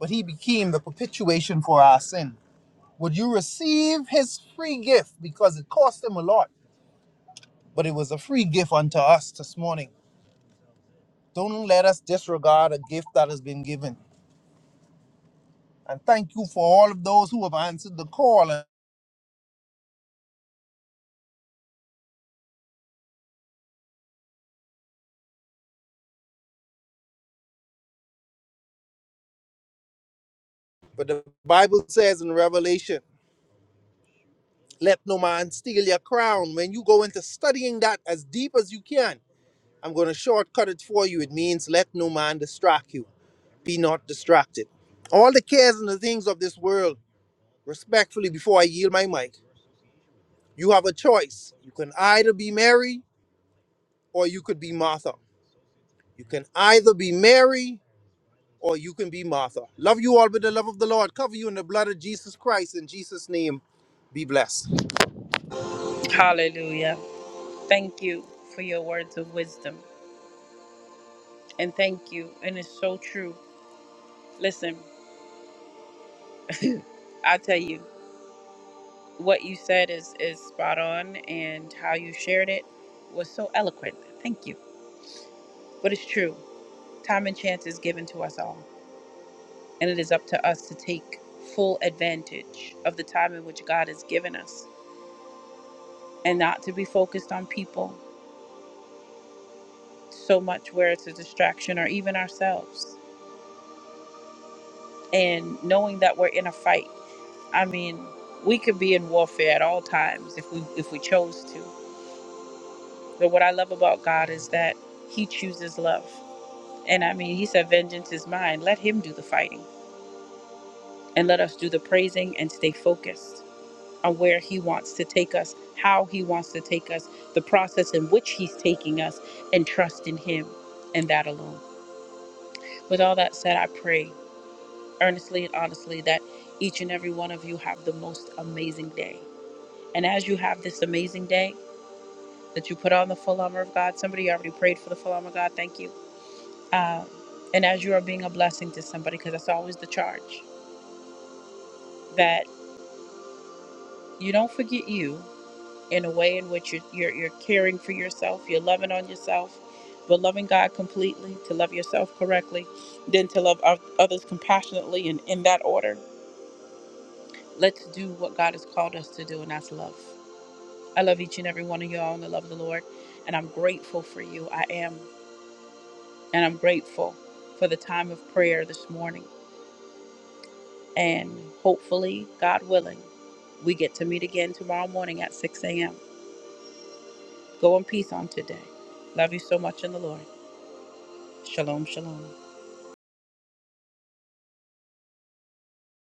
But he became the perpetuation for our sin. Would you receive his free gift? Because it cost him a lot, but it was a free gift unto us this morning. Don't let us disregard a gift that has been given. And thank you for all of those who have answered the call. But the Bible says in Revelation, Let no man steal your crown. When you go into studying that as deep as you can, I'm going to shortcut it for you. It means let no man distract you. Be not distracted. All the cares and the things of this world, respectfully, before I yield my mic, you have a choice. You can either be Mary or you could be Martha. You can either be Mary or you can be Martha. Love you all with the love of the Lord. Cover you in the blood of Jesus Christ. In Jesus' name, be blessed. Hallelujah. Thank you for your words of wisdom. And thank you. And it's so true. Listen, I tell you. What you said is is spot on, and how you shared it was so eloquent. Thank you. But it's true. Time and chance is given to us all, and it is up to us to take full advantage of the time in which God has given us, and not to be focused on people so much where it's a distraction or even ourselves. And knowing that we're in a fight. I mean, we could be in warfare at all times if we if we chose to. But what I love about God is that He chooses love. And I mean, he said, Vengeance is mine. Let him do the fighting and let us do the praising and stay focused on where he wants to take us, how he wants to take us, the process in which he's taking us, and trust in him and that alone. With all that said, I pray earnestly and honestly that each and every one of you have the most amazing day. And as you have this amazing day, that you put on the full armor of God. Somebody already prayed for the full armor of God. Thank you. Um, and as you are being a blessing to somebody, because that's always the charge, that You don't forget you in a way in which you're, you're, you're caring for yourself, you're loving on yourself, but loving God completely, to love yourself correctly, then to love others compassionately and in that order. Let's do what God has called us to do, and that's love. I love each and every one of y'all in the love of the Lord, and I'm grateful for you. I am, and I'm grateful for the time of prayer this morning. And hopefully, God willing, we get to meet again tomorrow morning at 6 a.m. Go in peace on today. Love you so much in the Lord. Shalom, shalom.